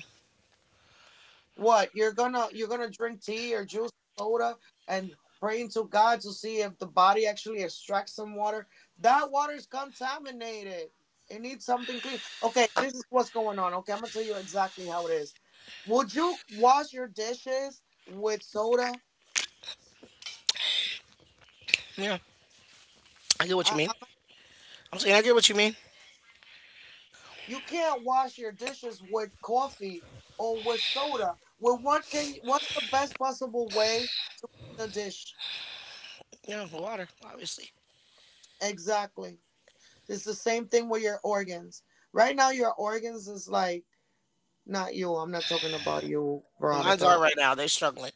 [SPEAKER 2] What you're gonna, drink tea or juice, soda, and praying to God to see if the body actually extracts some water. That water is contaminated. It needs something clean. Okay, this is what's going on. Okay, I'm gonna tell you exactly how it is. Would you wash your dishes with soda?
[SPEAKER 1] yeah. I get what you
[SPEAKER 2] I,
[SPEAKER 1] mean.
[SPEAKER 2] I,
[SPEAKER 1] I'm saying I get what you mean.
[SPEAKER 2] you can't wash your dishes with coffee or with soda. Well, what can you, what's the best possible way to dish?
[SPEAKER 1] Yeah, water obviously.
[SPEAKER 2] Exactly. It's the same thing with your organs. Right now, your organs is like, not you. I'm not talking about you,
[SPEAKER 1] Mine's are
[SPEAKER 2] Veronica.
[SPEAKER 1] right now. They're struggling.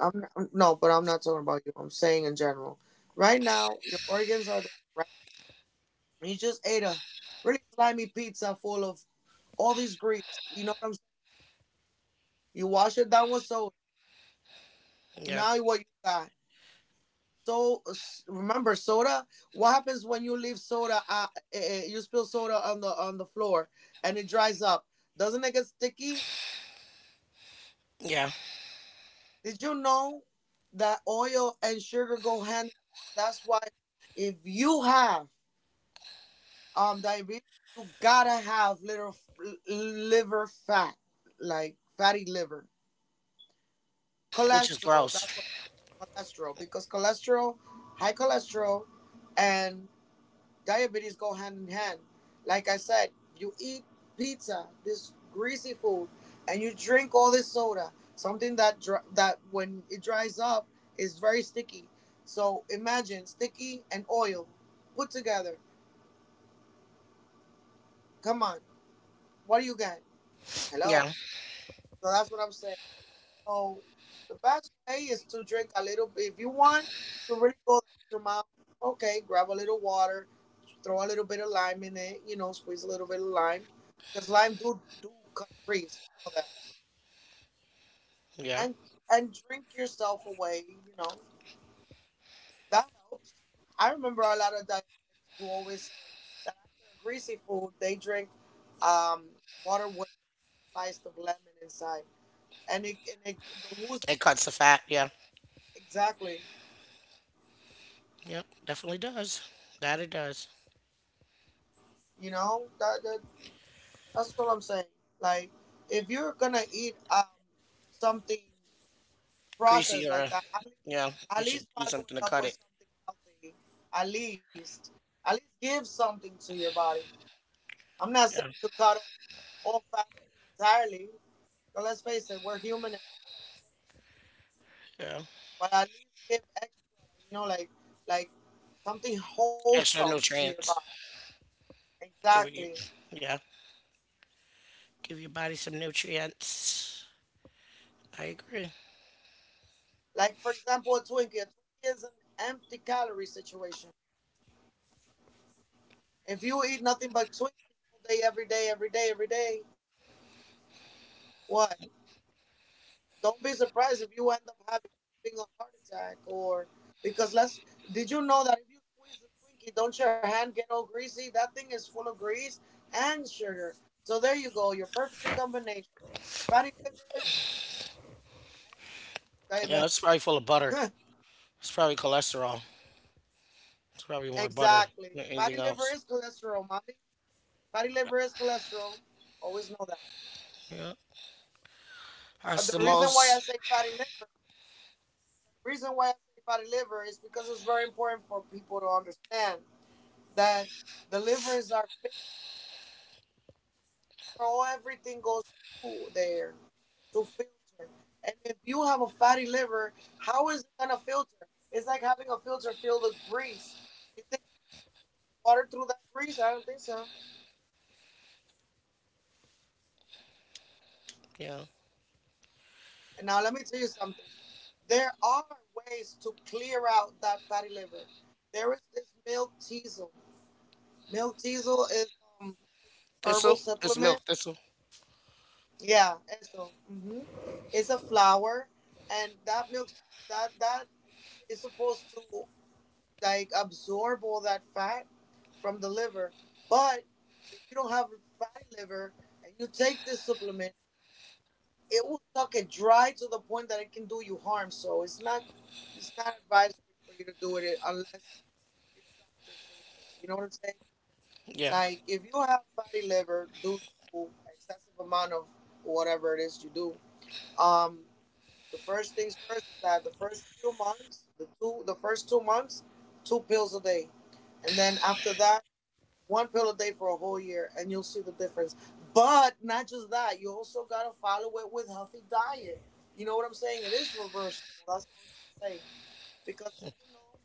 [SPEAKER 2] I'm not, mm, no, but I'm not talking about you. I'm saying in general. Right now, your organs are there. Right, you just ate a really slimy pizza full of all these grease. You know what I'm saying? You wash it down with soda.
[SPEAKER 1] Yeah,
[SPEAKER 2] Now what you got? Remember soda. What happens when you leave soda? You spill soda on the floor and it dries up. Doesn't it get sticky?
[SPEAKER 1] yeah,
[SPEAKER 2] Did you know that oil and sugar go hand? That's why if you have diabetes, you gotta have liver fat, like fatty liver,
[SPEAKER 1] which is
[SPEAKER 2] cholesterol.
[SPEAKER 1] gross.
[SPEAKER 2] That's what cholesterol, because cholesterol, high cholesterol, and diabetes go hand in hand. Like I said, you eat pizza, this greasy food, and you drink all this soda, something that that when it dries up is very sticky. So imagine sticky and oil put together. Come on, what do you got? Hello.
[SPEAKER 1] Yeah,
[SPEAKER 2] So that's what I'm saying. So the best way is to drink a little bit. If you want to really go the extra mile, okay, grab a little water, throw a little bit of lime in it, you know, squeeze a little bit of lime. Because lime do cut grease, you know that.
[SPEAKER 1] yeah.
[SPEAKER 2] And and drink yourself away, you know. That helps. I remember a lot of diabetics who always say that after a greasy food they drink um water with a slice of lemon inside. And it the
[SPEAKER 1] It
[SPEAKER 2] wooziness
[SPEAKER 1] cuts the
[SPEAKER 2] goes
[SPEAKER 1] fat.
[SPEAKER 2] away.
[SPEAKER 1] Yeah.
[SPEAKER 2] Exactly.
[SPEAKER 1] Yep. Definitely does. That it does.
[SPEAKER 2] You know that, that's what I'm saying. Like, if you're gonna eat something processed
[SPEAKER 1] Greasy
[SPEAKER 2] like
[SPEAKER 1] or,
[SPEAKER 2] that,
[SPEAKER 1] yeah.
[SPEAKER 2] at
[SPEAKER 1] You
[SPEAKER 2] least
[SPEAKER 1] should do
[SPEAKER 2] follow
[SPEAKER 1] something
[SPEAKER 2] it
[SPEAKER 1] to
[SPEAKER 2] up
[SPEAKER 1] cut
[SPEAKER 2] with
[SPEAKER 1] it.
[SPEAKER 2] something healthy. At least at least give something to your body. I'm not
[SPEAKER 1] Yeah,
[SPEAKER 2] saying to cut off all fast food entirely. But let's face it, we're human and
[SPEAKER 1] yeah.
[SPEAKER 2] but at least give extra. You know, like something
[SPEAKER 1] Extra
[SPEAKER 2] wholesome to your
[SPEAKER 1] nutrients.
[SPEAKER 2] body.
[SPEAKER 1] Give you,
[SPEAKER 2] Exactly.
[SPEAKER 1] yeah, give your body some nutrients. I agree.
[SPEAKER 2] Like for example, a Twinkie. A Twinkie is an empty calorie situation. If you eat nothing but Twinkies all day, every day, every day, every day, what? Don't be surprised if you end up having a heart attack or because let's. Did you know that if you squeeze a Twinkie, don't your hand get all greasy? That thing is full of grease and sugar. So there you go, your perfect combination: fatty liver and
[SPEAKER 1] Yeah, it's
[SPEAKER 2] diabetic.
[SPEAKER 1] probably full of butter. It's probably cholesterol. It's probably
[SPEAKER 2] [laughs]
[SPEAKER 1] more butter
[SPEAKER 2] Exactly.
[SPEAKER 1] than
[SPEAKER 2] Fatty
[SPEAKER 1] anything
[SPEAKER 2] liver
[SPEAKER 1] else.
[SPEAKER 2] is cholesterol, mommy. Fatty liver is cholesterol. Always know that.
[SPEAKER 1] Yeah,
[SPEAKER 2] But
[SPEAKER 1] that's
[SPEAKER 2] the
[SPEAKER 1] the
[SPEAKER 2] reason why I
[SPEAKER 1] most.
[SPEAKER 2] say fatty liver, the reason why I say fatty liver is because it's very important for people to understand that the livers are filter, all everything goes through there to filter. And if you have a fatty liver, how is it gonna filter? It's like having a filter filled with grease. You think water through that grease? I don't think so.
[SPEAKER 1] Yeah,
[SPEAKER 2] And now let me tell you something. There are ways to clear out that fatty liver. There is this milk teasel. Milk teasel is um herbal
[SPEAKER 1] thistle. It's
[SPEAKER 2] supplement.
[SPEAKER 1] milk thistle.
[SPEAKER 2] Yeah, eso. It's a flower, and that milk that is supposed to like absorb all that fat from the liver. But if you don't have a fatty liver and you take this supplement, it will suck it dry to the point that it can do you harm. So it's not advisory for you to do it unless your doctor says so. You know what I'm saying?
[SPEAKER 1] Yeah,
[SPEAKER 2] Like if you have fatty liver due to excessive amount of whatever it is you do, um, the first things first is that the first few months, the first 2 months, two pills a day, and then after that, one pill a day for a whole year, and you'll see the difference. But not just that, you also gotta follow it with healthy diet. You know what I'm saying? It is reversible. That's what I'm trying to say. Because did you know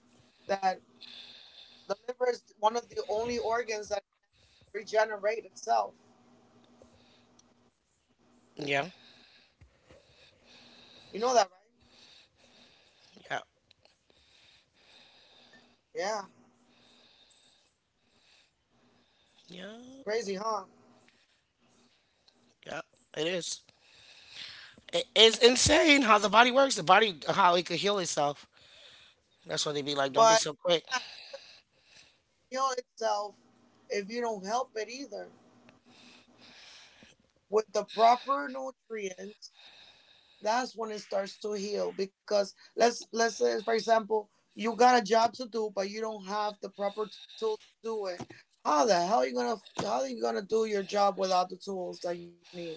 [SPEAKER 2] that the liver is one of the only organs that regenerate itself?
[SPEAKER 1] yeah,
[SPEAKER 2] You know that, right?
[SPEAKER 1] yeah,
[SPEAKER 2] Yeah.
[SPEAKER 1] yeah,
[SPEAKER 2] It's crazy, huh?
[SPEAKER 1] yeah. It is. It is insane how the body works. The body, how it could heal itself. That's why they be like, don't be
[SPEAKER 2] But
[SPEAKER 1] so
[SPEAKER 2] it
[SPEAKER 1] quick.
[SPEAKER 2] cannot heal itself if you don't help it either. With the proper nutrients, that's when it starts to heal. Because let's say, for example, you got a job to do, but you don't have the proper tools to do it. How the hell are you gonna how are you gonna do your job without the tools that you need?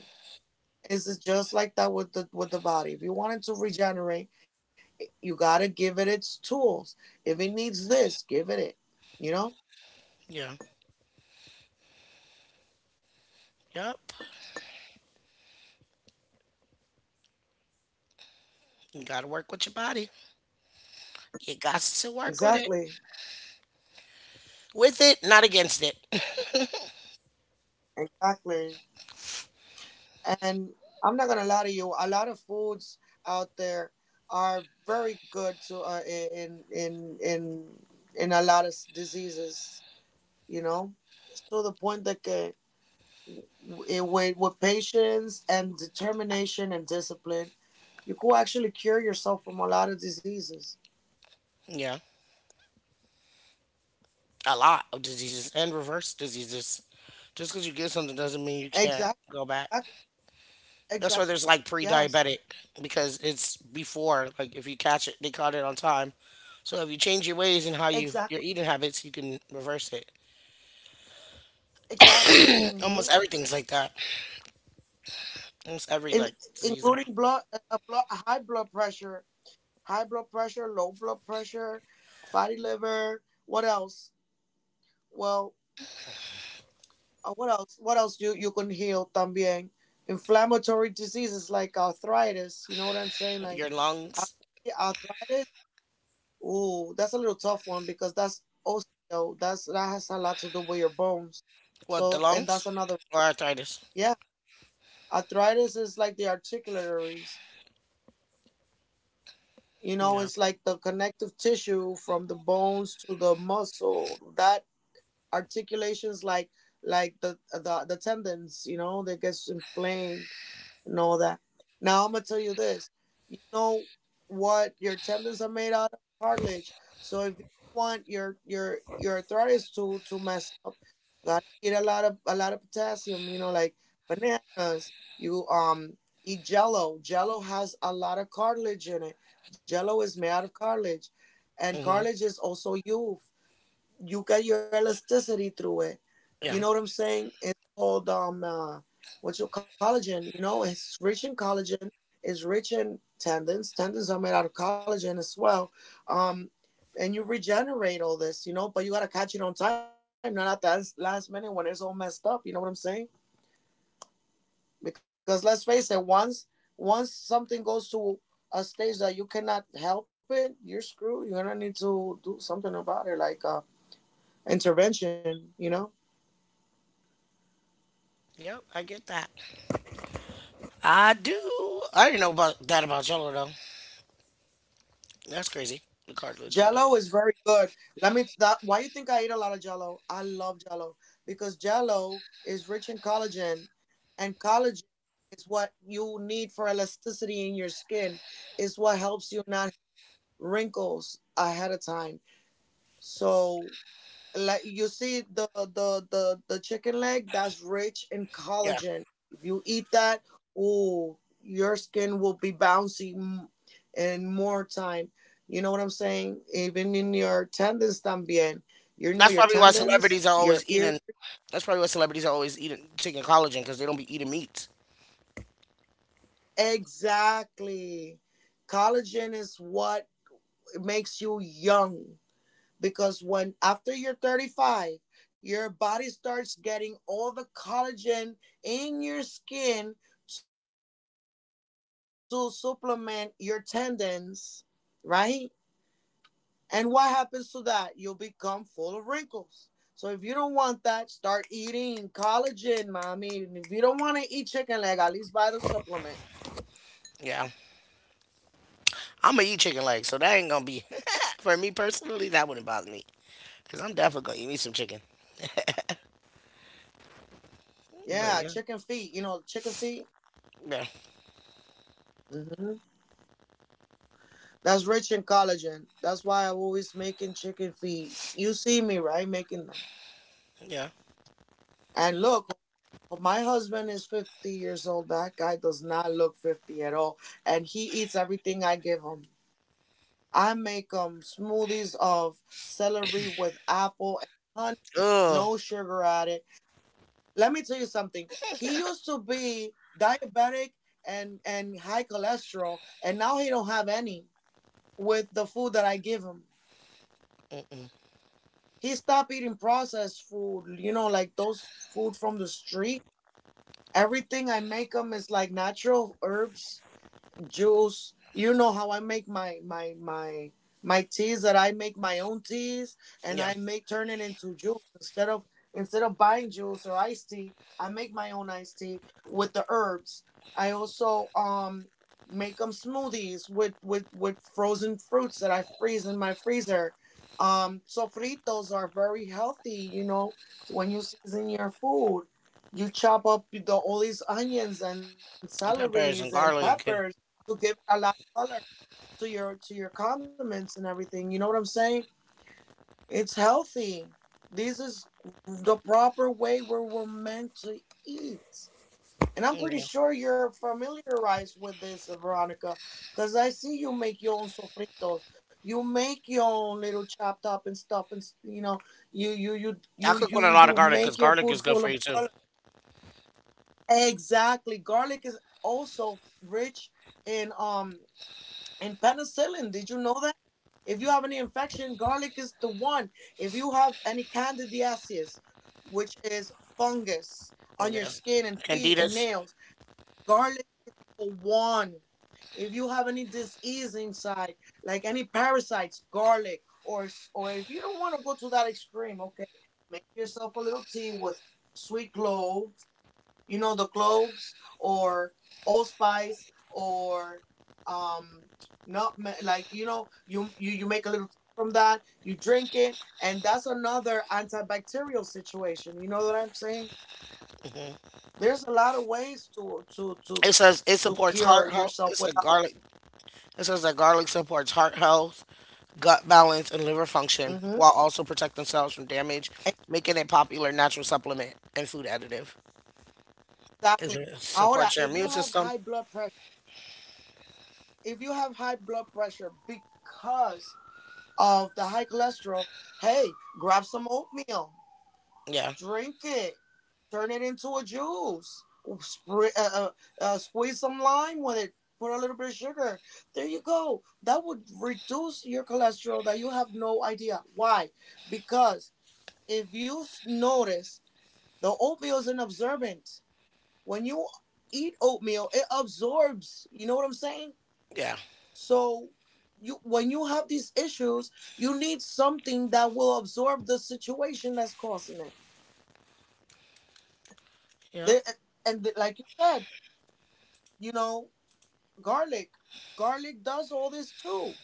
[SPEAKER 2] It's just like that with the body. If you want it to regenerate, you gotta give it its tools. If it needs this, give it it. You know?
[SPEAKER 1] Yeah. Yep. You gotta work with your body. You got to work with it.
[SPEAKER 2] Exactly.
[SPEAKER 1] With it, not against it. [laughs]
[SPEAKER 2] Exactly. And I'm not gonna lie to you. A lot of foods out there are very good to in in a lot of diseases. You know, to the point that with patience and determination and discipline, you could actually cure yourself from a lot of diseases.
[SPEAKER 1] Yeah. A lot of diseases and reverse diseases. Just because you get something doesn't mean you can't
[SPEAKER 2] Exactly.
[SPEAKER 1] go back. That's why
[SPEAKER 2] Exactly.
[SPEAKER 1] there's like
[SPEAKER 2] Yes.
[SPEAKER 1] pre-diabetic because it's before. Like if you catch it, they caught it on time. So if you change your ways and how you your
[SPEAKER 2] Exactly.
[SPEAKER 1] eating habits, you can reverse it.
[SPEAKER 2] Exactly.
[SPEAKER 1] [laughs] Almost everything's like that. Almost every
[SPEAKER 2] In,
[SPEAKER 1] like disease. Or
[SPEAKER 2] including blood, high blood pressure, low blood pressure, fatty liver. What else? Well, what else? What else you can heal? También inflammatory diseases like arthritis. You know what I'm saying? Like
[SPEAKER 1] your
[SPEAKER 2] uh,
[SPEAKER 1] lungs.
[SPEAKER 2] arthritis. Ooh, that's a little tough one because that's osteo. That has a lot to do with your bones.
[SPEAKER 1] What, the
[SPEAKER 2] So, and
[SPEAKER 1] lungs
[SPEAKER 2] that's another,
[SPEAKER 1] or arthritis?
[SPEAKER 2] yeah. Arthritis is like the articularies. You know,
[SPEAKER 1] Yeah.
[SPEAKER 2] it's like the connective tissue from the bones to the muscle. That articulation's like the tendons. You know, that gets inflamed, and all that. Now I'm gonna tell you this. You know what your tendons are made out of? Cartilage. So if you want your arthritis to mess up, you gotta eat a lot of potassium. You know, like bananas. You eat Jello. Jello has a lot of cartilage in it. Jello is made out of cartilage, and
[SPEAKER 1] Hmm.
[SPEAKER 2] cartilage is also youth. You get your elasticity through it. You know
[SPEAKER 1] Yeah.
[SPEAKER 2] what I'm saying? It's called what's your collagen? You know, it's rich in collagen. It's rich in tendons. Tendons are made out of collagen as well. Um, and you regenerate all this, you know, but you gotta catch it on time, not at that last minute when it's all messed up. You know what I'm saying? Because let's face it, once something goes to a stage that you cannot help it, you're screwed. You're gonna need to do something about it, like intervention. You know.
[SPEAKER 1] Yep. I get that. I do. I didn't know about that about Jello though. That's crazy. The cartilage and jello.
[SPEAKER 2] Jello is very good. Let me that why you think I eat a lot of jello? I love jello because jello is rich in collagen, and collagen is what you need for elasticity in your skin. Is what helps you not wrinkles ahead of time. So like you see the chicken leg that's rich in collagen. If you eat that, oh, your skin will be bouncy in more time. You know what I'm saying? Even in your tendons también. You know
[SPEAKER 1] That's
[SPEAKER 2] your
[SPEAKER 1] probably why
[SPEAKER 2] tendons,
[SPEAKER 1] celebrities are
[SPEAKER 2] your
[SPEAKER 1] always
[SPEAKER 2] ear.
[SPEAKER 1] eating. That's probably why celebrities are always eating taking collagen because they don't be eating meat.
[SPEAKER 2] Exactly. Collagen is what makes you young, because when after you're 35, your body starts getting all the collagen in your skin to supplement your tendons, right, and what happens to that, you'll become full of wrinkles. So if you don't want that, start eating collagen, mommy, and if you don't want to eat chicken leg, at least buy the supplement.
[SPEAKER 1] Yeah, I'm gonna eat chicken legs, so that ain't gonna be [laughs] for me personally. That wouldn't bother me because I'm definitely gonna eat me some chicken.
[SPEAKER 2] Yeah,
[SPEAKER 1] But yeah,
[SPEAKER 2] chicken feet, you know, chicken feet.
[SPEAKER 1] yeah,
[SPEAKER 2] hmm that's rich in collagen. That's why I'm always making chicken feet. You see me, right, making them.
[SPEAKER 1] yeah.
[SPEAKER 2] And look, my husband is 50 years old. That guy does not look 50 at all. And he eats everything I give him. I make him smoothies of celery with apple and honey,
[SPEAKER 1] Ugh,
[SPEAKER 2] no sugar added. Let me tell you something. He used to be diabetic and high cholesterol, and now he don't have any with the food that I give him.
[SPEAKER 1] mm-mm.
[SPEAKER 2] He stopped eating processed food, you know, like those food from the street. Everything I make them is like natural herbs juice. You know how I make my teas, that I make my own teas, and
[SPEAKER 1] Yeah.
[SPEAKER 2] I make turn it into juice instead of buying juice or iced tea. I make my own iced tea with the herbs. I also make them smoothies with with frozen fruits that I freeze in my freezer. Sofritos are very healthy. You know, when you season your food, you chop up the all these onions and celeries
[SPEAKER 1] Peppers
[SPEAKER 2] and
[SPEAKER 1] and
[SPEAKER 2] peppers
[SPEAKER 1] garlic and,
[SPEAKER 2] to give it a lot of color to your condiments and everything. You know what I'm saying? It's healthy. This is the proper way where we're meant to eat. And I'm pretty
[SPEAKER 1] yeah.
[SPEAKER 2] sure you're familiarized with this, Veronica, because I see you make your own sofritos. You make your own little chopped up and stuff, and you know, you you you
[SPEAKER 1] I
[SPEAKER 2] you
[SPEAKER 1] cook with a
[SPEAKER 2] you
[SPEAKER 1] lot of
[SPEAKER 2] you
[SPEAKER 1] garlic because
[SPEAKER 2] make your
[SPEAKER 1] garlic is
[SPEAKER 2] food
[SPEAKER 1] good
[SPEAKER 2] full
[SPEAKER 1] for
[SPEAKER 2] of
[SPEAKER 1] you too.
[SPEAKER 2] color. Exactly. Garlic is also rich in and penicillin. Did you know that? If you have any infection, garlic is the one. If you have any candidiasis, which is fungus on your
[SPEAKER 1] Yeah,
[SPEAKER 2] skin and feet and
[SPEAKER 1] candidas.
[SPEAKER 2] nails, garlic the one. If you have any disease inside, like any parasites, garlic, or if you don't want to go to that extreme, okay, make yourself a little tea with sweet clove, you know, the cloves, or allspice, or um not, like, you know, you make a little tea from that, you drink it, and that's another antibacterial situation. You know what I'm saying? There's a lot of ways to to to
[SPEAKER 1] It says it
[SPEAKER 2] to
[SPEAKER 1] supports
[SPEAKER 2] cure
[SPEAKER 1] heart health. It
[SPEAKER 2] yourself
[SPEAKER 1] says
[SPEAKER 2] without.
[SPEAKER 1] garlic. It says that garlic supports heart health, gut balance, and liver function,
[SPEAKER 2] Hmm.
[SPEAKER 1] while also protect themselves from damage, making a popular natural supplement and food additive. Is
[SPEAKER 2] Exactly.
[SPEAKER 1] it
[SPEAKER 2] Ahora,
[SPEAKER 1] supports your
[SPEAKER 2] if you
[SPEAKER 1] immune
[SPEAKER 2] have
[SPEAKER 1] system?
[SPEAKER 2] high blood pressure, if you have high blood pressure because of the high cholesterol, hey, grab some oatmeal,
[SPEAKER 1] Yeah,
[SPEAKER 2] drink it. Turn it into a juice. Squeeze some lime with it. Put a little bit of sugar. There you go. That would reduce your cholesterol that you have no idea. Why? Because if you notice, the oatmeal is an absorbent. When you eat oatmeal, it absorbs. You know what I'm saying?
[SPEAKER 1] yeah,
[SPEAKER 2] So you when you have these issues, you need something that will absorb the situation that's causing it.
[SPEAKER 1] yeah,
[SPEAKER 2] The- and like you said, you know, garlic. Garlic does all this too.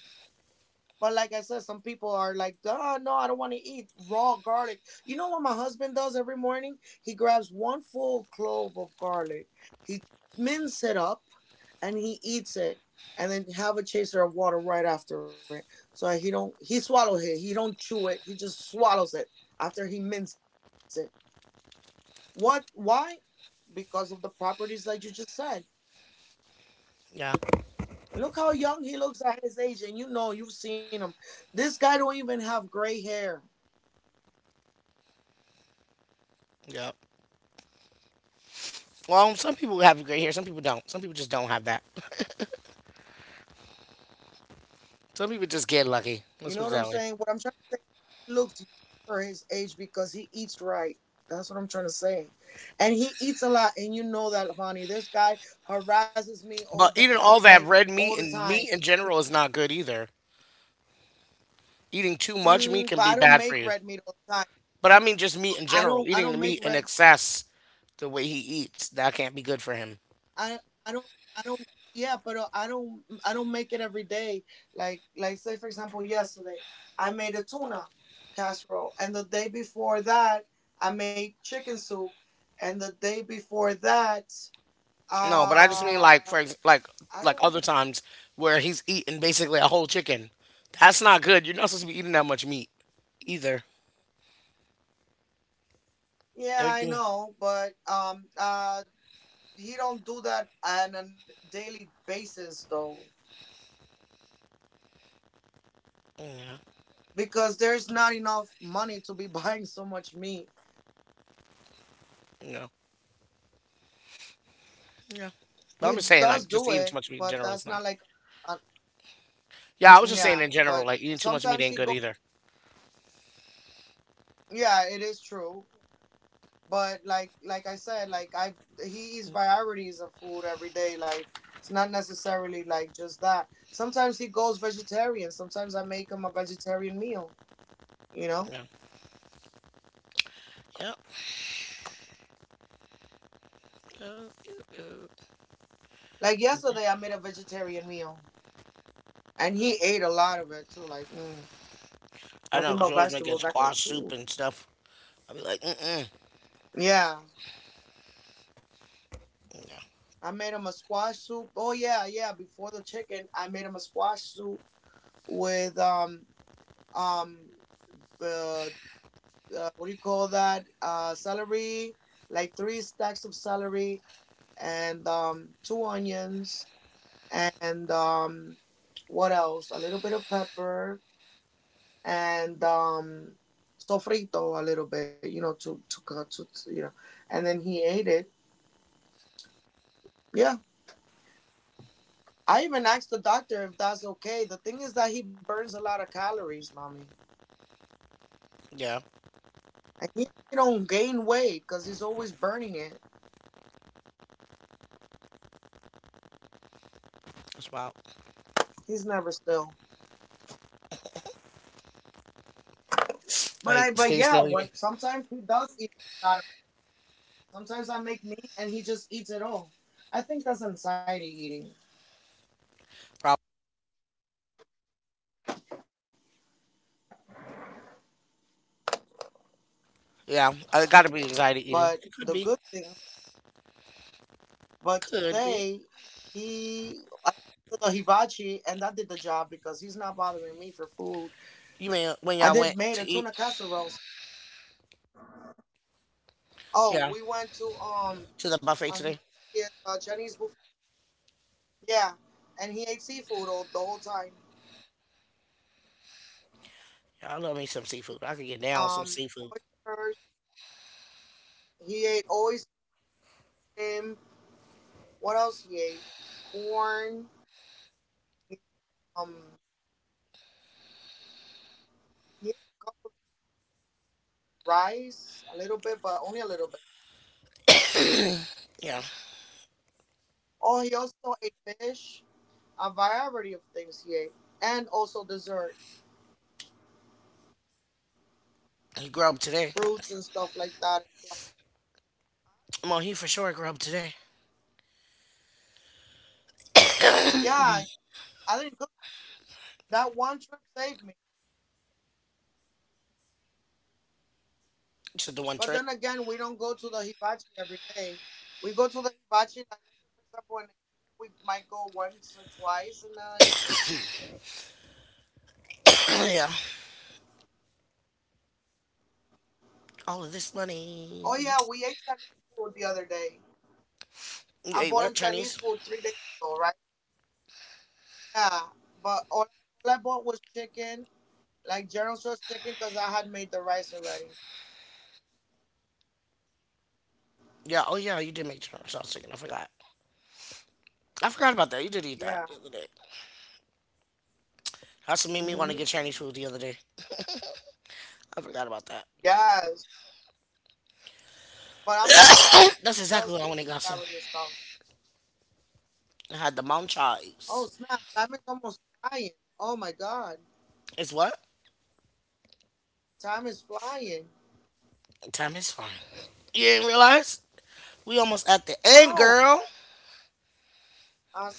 [SPEAKER 2] But like I said, some people are like, oh no, I don't want to eat raw garlic. You know what my husband does every morning? He grabs one full clove of garlic, he minces it up, and he eats it, and then have a chaser of water right after it. So he don't he swallows it. He don't chew it. He just swallows it after he minces it. What? Why? Because of the properties that you just said.
[SPEAKER 1] yeah,
[SPEAKER 2] Look how young he looks at his age, and you know you've seen him. This guy don't even have gray hair.
[SPEAKER 1] yeah. Well, some people have a great hair, some people don't. Some people just don't have that. [laughs] Some people just get lucky.
[SPEAKER 2] You
[SPEAKER 1] Let's
[SPEAKER 2] know
[SPEAKER 1] put it
[SPEAKER 2] what I'm
[SPEAKER 1] that way.
[SPEAKER 2] saying? What I'm trying to say, he looks young for his age because he eats right. That's what I'm trying to say, and he eats a lot, and you know that, Lavani. This guy harasses me all
[SPEAKER 1] But
[SPEAKER 2] day,
[SPEAKER 1] eating
[SPEAKER 2] every
[SPEAKER 1] all
[SPEAKER 2] day,
[SPEAKER 1] that red
[SPEAKER 2] all the
[SPEAKER 1] meat and
[SPEAKER 2] time.
[SPEAKER 1] meat in general is not good either. Eating too much meat
[SPEAKER 2] Mm, but
[SPEAKER 1] can
[SPEAKER 2] I
[SPEAKER 1] be
[SPEAKER 2] don't
[SPEAKER 1] bad for
[SPEAKER 2] make
[SPEAKER 1] you.
[SPEAKER 2] red meat all the time.
[SPEAKER 1] But I mean just meat in
[SPEAKER 2] I
[SPEAKER 1] general.
[SPEAKER 2] don't. I
[SPEAKER 1] Eating the
[SPEAKER 2] don't
[SPEAKER 1] meat
[SPEAKER 2] make
[SPEAKER 1] in
[SPEAKER 2] red.
[SPEAKER 1] excess, the way he eats, that can't be good for him.
[SPEAKER 2] I I don't I don't, yeah, but I don't make it every day. Like say for example, yesterday I made a tuna casserole, and the day before that I made chicken soup, and the day before that
[SPEAKER 1] No, but I just mean like for ex-
[SPEAKER 2] I don't
[SPEAKER 1] like
[SPEAKER 2] remember.
[SPEAKER 1] other times where he's eating basically a whole chicken. That's not good. You're not supposed to be eating that much meat either.
[SPEAKER 2] Yeah, I
[SPEAKER 1] Everything.
[SPEAKER 2] know, but he don't do that on a daily basis though,
[SPEAKER 1] Yeah.
[SPEAKER 2] because there's not enough money to be [laughs] buying so much meat.
[SPEAKER 1] No. Yeah. But I'm just
[SPEAKER 2] He
[SPEAKER 1] saying like
[SPEAKER 2] does
[SPEAKER 1] just
[SPEAKER 2] do
[SPEAKER 1] eating too
[SPEAKER 2] it,
[SPEAKER 1] much meat in
[SPEAKER 2] but
[SPEAKER 1] general
[SPEAKER 2] that's
[SPEAKER 1] is not.
[SPEAKER 2] not like.
[SPEAKER 1] Yeah, I was just saying in
[SPEAKER 2] Yeah,
[SPEAKER 1] general like
[SPEAKER 2] but
[SPEAKER 1] eating too much meat
[SPEAKER 2] sometimes
[SPEAKER 1] ain't
[SPEAKER 2] he
[SPEAKER 1] good
[SPEAKER 2] go.
[SPEAKER 1] either.
[SPEAKER 2] Yeah, it is true. But like I said, like I he eats varieties of food every day. Like it's not necessarily like just that. Sometimes he goes vegetarian. Sometimes I make him a vegetarian meal. You know,
[SPEAKER 1] Yeah. Yep. Yep, yep, yep.
[SPEAKER 2] like yesterday I made a vegetarian meal and he ate a lot of it too.
[SPEAKER 1] I know,
[SPEAKER 2] Nothing
[SPEAKER 1] 'cause
[SPEAKER 2] but
[SPEAKER 1] you're always making
[SPEAKER 2] vegetables. I could.
[SPEAKER 1] squash soup
[SPEAKER 2] Ooh.
[SPEAKER 1] and stuff. I'll be like, mm-mm.
[SPEAKER 2] Yeah,
[SPEAKER 1] Yeah,
[SPEAKER 2] I made him a squash soup. Oh yeah, yeah. Before the chicken, I made him a squash soup with um uh, what do you call that? Celery, like three stacks of celery, and two onions, and what else? A little bit of pepper, and sofrito, a little bit, to cut. And then he ate it. Yeah, I even asked the doctor if that's okay. The thing is that he burns a lot of calories, mommy,
[SPEAKER 1] yeah,
[SPEAKER 2] and he don't gain weight because he's always burning it.
[SPEAKER 1] that's wild.
[SPEAKER 2] He's never still. But I,
[SPEAKER 1] Like,
[SPEAKER 2] but
[SPEAKER 1] stay
[SPEAKER 2] yeah,
[SPEAKER 1] still, you
[SPEAKER 2] when
[SPEAKER 1] mean?
[SPEAKER 2] sometimes he does eat a lot. Of, sometimes I make meat and he just eats it all. I think that's anxiety eating.
[SPEAKER 1] Probably. Yeah, it gotta be anxiety eating.
[SPEAKER 2] But
[SPEAKER 1] It could
[SPEAKER 2] the
[SPEAKER 1] be.
[SPEAKER 2] good thing, but
[SPEAKER 1] Could be.
[SPEAKER 2] today I did the hibachi and that did the job because he's not bothering me for food.
[SPEAKER 1] You mean when
[SPEAKER 2] I
[SPEAKER 1] y'all
[SPEAKER 2] did
[SPEAKER 1] went
[SPEAKER 2] made
[SPEAKER 1] to
[SPEAKER 2] a
[SPEAKER 1] eat?
[SPEAKER 2] tuna casserole. Oh, we
[SPEAKER 1] Yeah,
[SPEAKER 2] went to
[SPEAKER 1] to the buffet
[SPEAKER 2] a
[SPEAKER 1] today.
[SPEAKER 2] hibachi at Jenny's buffet. Yeah, and he ate seafood all the whole time.
[SPEAKER 1] Yeah, I love me some seafood. I could get down with some
[SPEAKER 2] Um,
[SPEAKER 1] seafood.
[SPEAKER 2] oysters. He ate oysters. What else? Yay, corn, um, yeah, rice, a little bit, but only a little bit.
[SPEAKER 1] Yeah,
[SPEAKER 2] Oh, he also ate fish, a variety of things. He ate, and also dessert,
[SPEAKER 1] he grub today.
[SPEAKER 2] fruits and stuff like that.
[SPEAKER 1] Well, he for sure grub today.
[SPEAKER 2] Yeah, I didn't cook. That one trip saved me.
[SPEAKER 1] Just the one
[SPEAKER 2] But
[SPEAKER 1] trip.
[SPEAKER 2] then again, we don't go to the hibachi every day. We go to the hibachi, like, for example, in a year, we might go once or twice in a year.
[SPEAKER 1] [clears throat] Yeah, all of this money.
[SPEAKER 2] Oh, yeah, we ate Chinese food the other day.
[SPEAKER 1] You
[SPEAKER 2] I
[SPEAKER 1] ate
[SPEAKER 2] bought
[SPEAKER 1] what
[SPEAKER 2] him Chinese
[SPEAKER 1] Chinese?
[SPEAKER 2] food 3 days ago, right? Yeah, but all, all I bought was chicken, like General Tso's chicken, because I had made the rice already.
[SPEAKER 1] Yeah. Oh yeah, you did make Chinese. I was thinking. I forgot. I forgot about that. You did eat
[SPEAKER 2] Yeah.
[SPEAKER 1] that the other day. That's what made me want to get
[SPEAKER 2] Hmm.
[SPEAKER 1] Chinese food the other day. I forgot about that.
[SPEAKER 2] Yes. But I'm not gonna lie to you.
[SPEAKER 1] [clears throat] That's
[SPEAKER 2] He
[SPEAKER 1] exactly what
[SPEAKER 2] does
[SPEAKER 1] I
[SPEAKER 2] eat
[SPEAKER 1] went and got some.
[SPEAKER 2] variety of stuff.
[SPEAKER 1] I had the mountain
[SPEAKER 2] Oh
[SPEAKER 1] chives.
[SPEAKER 2] snap! Time is almost flying. Oh my god,
[SPEAKER 1] It's what?
[SPEAKER 2] time is flying.
[SPEAKER 1] Time is fine. You didn't realize? We almost at the end, girl.
[SPEAKER 2] No,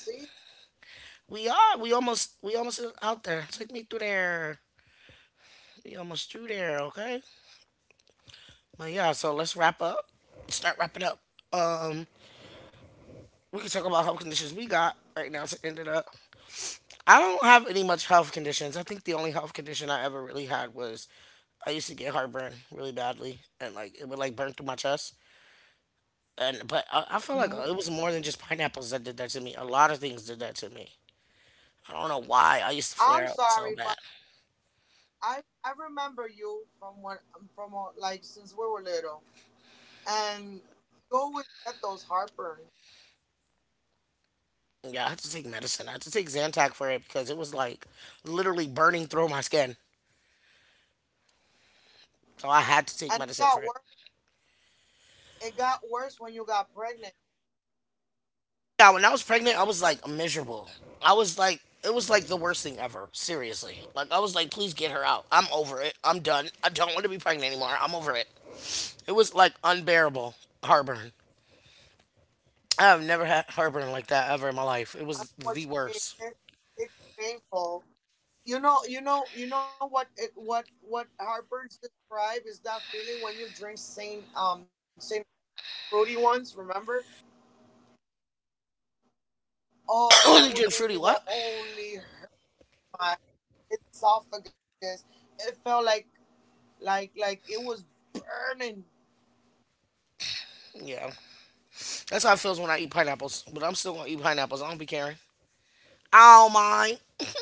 [SPEAKER 2] I see.
[SPEAKER 1] We are. We almost. We almost out there. Take me through there. We almost through there. Okay. But yeah. So let's wrap up. Start wrapping up. Um, we can talk about health conditions we got right now to end it up. I don't have any much health conditions. I think the only health condition I ever really had was I used to get heartburn really badly, and like it would like burn through my chest. And but I
[SPEAKER 2] Hmm.
[SPEAKER 1] feel like it was more than just pineapples that did that to me. A lot of things did that to me. I don't know why. I used to
[SPEAKER 2] I'm
[SPEAKER 1] flare up so
[SPEAKER 2] sorry,
[SPEAKER 1] bad.
[SPEAKER 2] but I remember you from when from like since we were little, and you always get those heartburns,
[SPEAKER 1] Yeah, I had to take medicine. I had to take Zantac for it because it was like literally burning through my skin. So I had to take
[SPEAKER 2] and it
[SPEAKER 1] medicine for
[SPEAKER 2] got
[SPEAKER 1] it.
[SPEAKER 2] worse. It got worse when you got pregnant.
[SPEAKER 1] Yeah, when I was pregnant, I was like miserable. I was like, it was like the worst thing ever. Seriously. Like, I was like, please get her out. I'm over it. I'm done. I don't want to be pregnant anymore. I'm over it. It was like unbearable heartburn. I have never had heartburn like that
[SPEAKER 2] I know
[SPEAKER 1] ever in my
[SPEAKER 2] what
[SPEAKER 1] life. It
[SPEAKER 2] you mean.
[SPEAKER 1] was the
[SPEAKER 2] It's
[SPEAKER 1] worst.
[SPEAKER 2] painful. You know what it, what Harper's describe is that feeling when you drink Saint fruity ones. Remember? Oh, that would
[SPEAKER 1] [coughs]
[SPEAKER 2] give me
[SPEAKER 1] When you
[SPEAKER 2] the
[SPEAKER 1] drink fruity, what?
[SPEAKER 2] only my esophagus. It felt like it was burning.
[SPEAKER 1] Yeah. That's how it feels when I eat pineapples. But I'm still going to eat pineapples. I don't be caring. I don't mind. [laughs]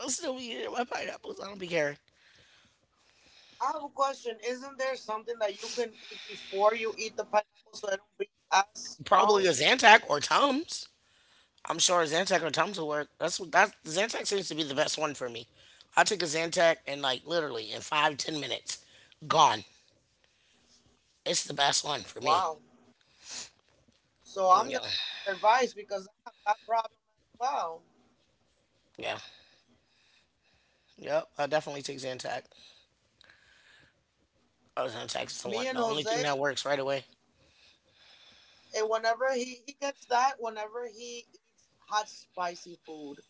[SPEAKER 1] I'll still be eating my pineapples. I don't be caring.
[SPEAKER 2] I have a question. Isn't there something that you can eat before you eat the pineapple so it don't be as
[SPEAKER 1] Probably a
[SPEAKER 2] strong?
[SPEAKER 1] Zantac or Tums. I'm sure a Zantac or Tums will work. That's what that Zantac seems to be the best one for me. I take a Zantac and like literally in 5-10 minutes, gone. It's the best one for me.
[SPEAKER 2] Wow. So I'm
[SPEAKER 1] Mm,
[SPEAKER 2] gonna
[SPEAKER 1] yeah,
[SPEAKER 2] take your advice because I have that problem as well.
[SPEAKER 1] yeah, yep. I definitely take Zantac. Oh, Zantac is the
[SPEAKER 2] Me
[SPEAKER 1] one,
[SPEAKER 2] and
[SPEAKER 1] the only
[SPEAKER 2] Jose,
[SPEAKER 1] thing that works right away.
[SPEAKER 2] and whenever he gets that, whenever he eats hot spicy food,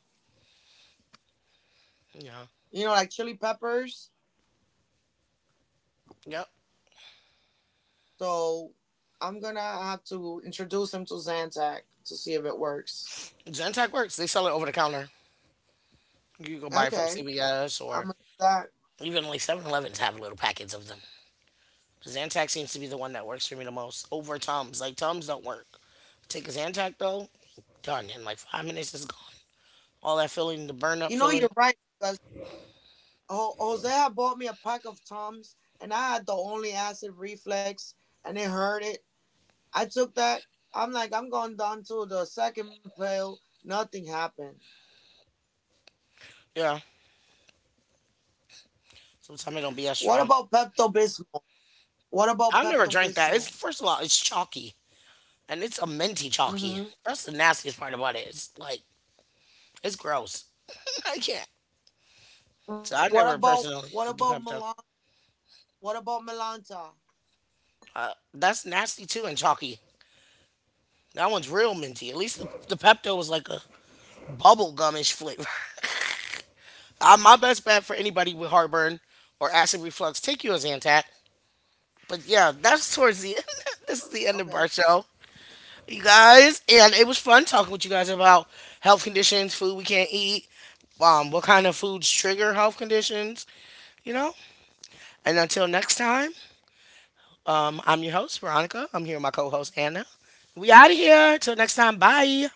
[SPEAKER 1] Yeah,
[SPEAKER 2] you know, like chili peppers.
[SPEAKER 1] yep.
[SPEAKER 2] So I'm gonna have to introduce him to Zantac to see if it works.
[SPEAKER 1] Zantac works. They sell it over the counter. You can go buy it from
[SPEAKER 2] Okay,
[SPEAKER 1] CVS
[SPEAKER 2] I'm gonna do
[SPEAKER 1] or
[SPEAKER 2] that.
[SPEAKER 1] even like 7-Elevens have little packets of them. Zantac seems to be the one that works for me the most over Tums. Like Tums don't work. Take a Zantac though, done in like 5 minutes it's gone. All that feeling, the burn up
[SPEAKER 2] You know,
[SPEAKER 1] feeling,
[SPEAKER 2] you're right because Jose had bought me a pack of Toms, and I had the only acid reflex, and it hurt it. I took that. I'm like, I'm going down to the second pill. Nothing happened.
[SPEAKER 1] yeah. Sometimes it don't be as
[SPEAKER 2] What
[SPEAKER 1] strong.
[SPEAKER 2] about Pepto Bismol? What
[SPEAKER 1] I've
[SPEAKER 2] about
[SPEAKER 1] never
[SPEAKER 2] Pepto
[SPEAKER 1] drank that. It's
[SPEAKER 2] Bismol?
[SPEAKER 1] first of all, it's chalky and it's a minty chalky.
[SPEAKER 2] Hmm.
[SPEAKER 1] That's the nastiest part about it. It's like it's gross. [laughs] I can't. So I never personally
[SPEAKER 2] What
[SPEAKER 1] do
[SPEAKER 2] about
[SPEAKER 1] Pepto.
[SPEAKER 2] Melan? What about Melanta?
[SPEAKER 1] That's nasty too and chalky. That one's real minty. At least the Pepto was like a bubble gumish flavor. [laughs] My best bet for anybody with heartburn or acid reflux, take you a Zantac. But yeah, that's towards the [laughs] end. This is
[SPEAKER 2] Okay.
[SPEAKER 1] the end of our show, you guys. And it was fun talking with you guys about health conditions, food we can't eat, what kind of foods trigger health conditions, you know. And until next time, I'm your host Veronica. I'm here with my co-host Anna. We out of here. Till next time. Bye.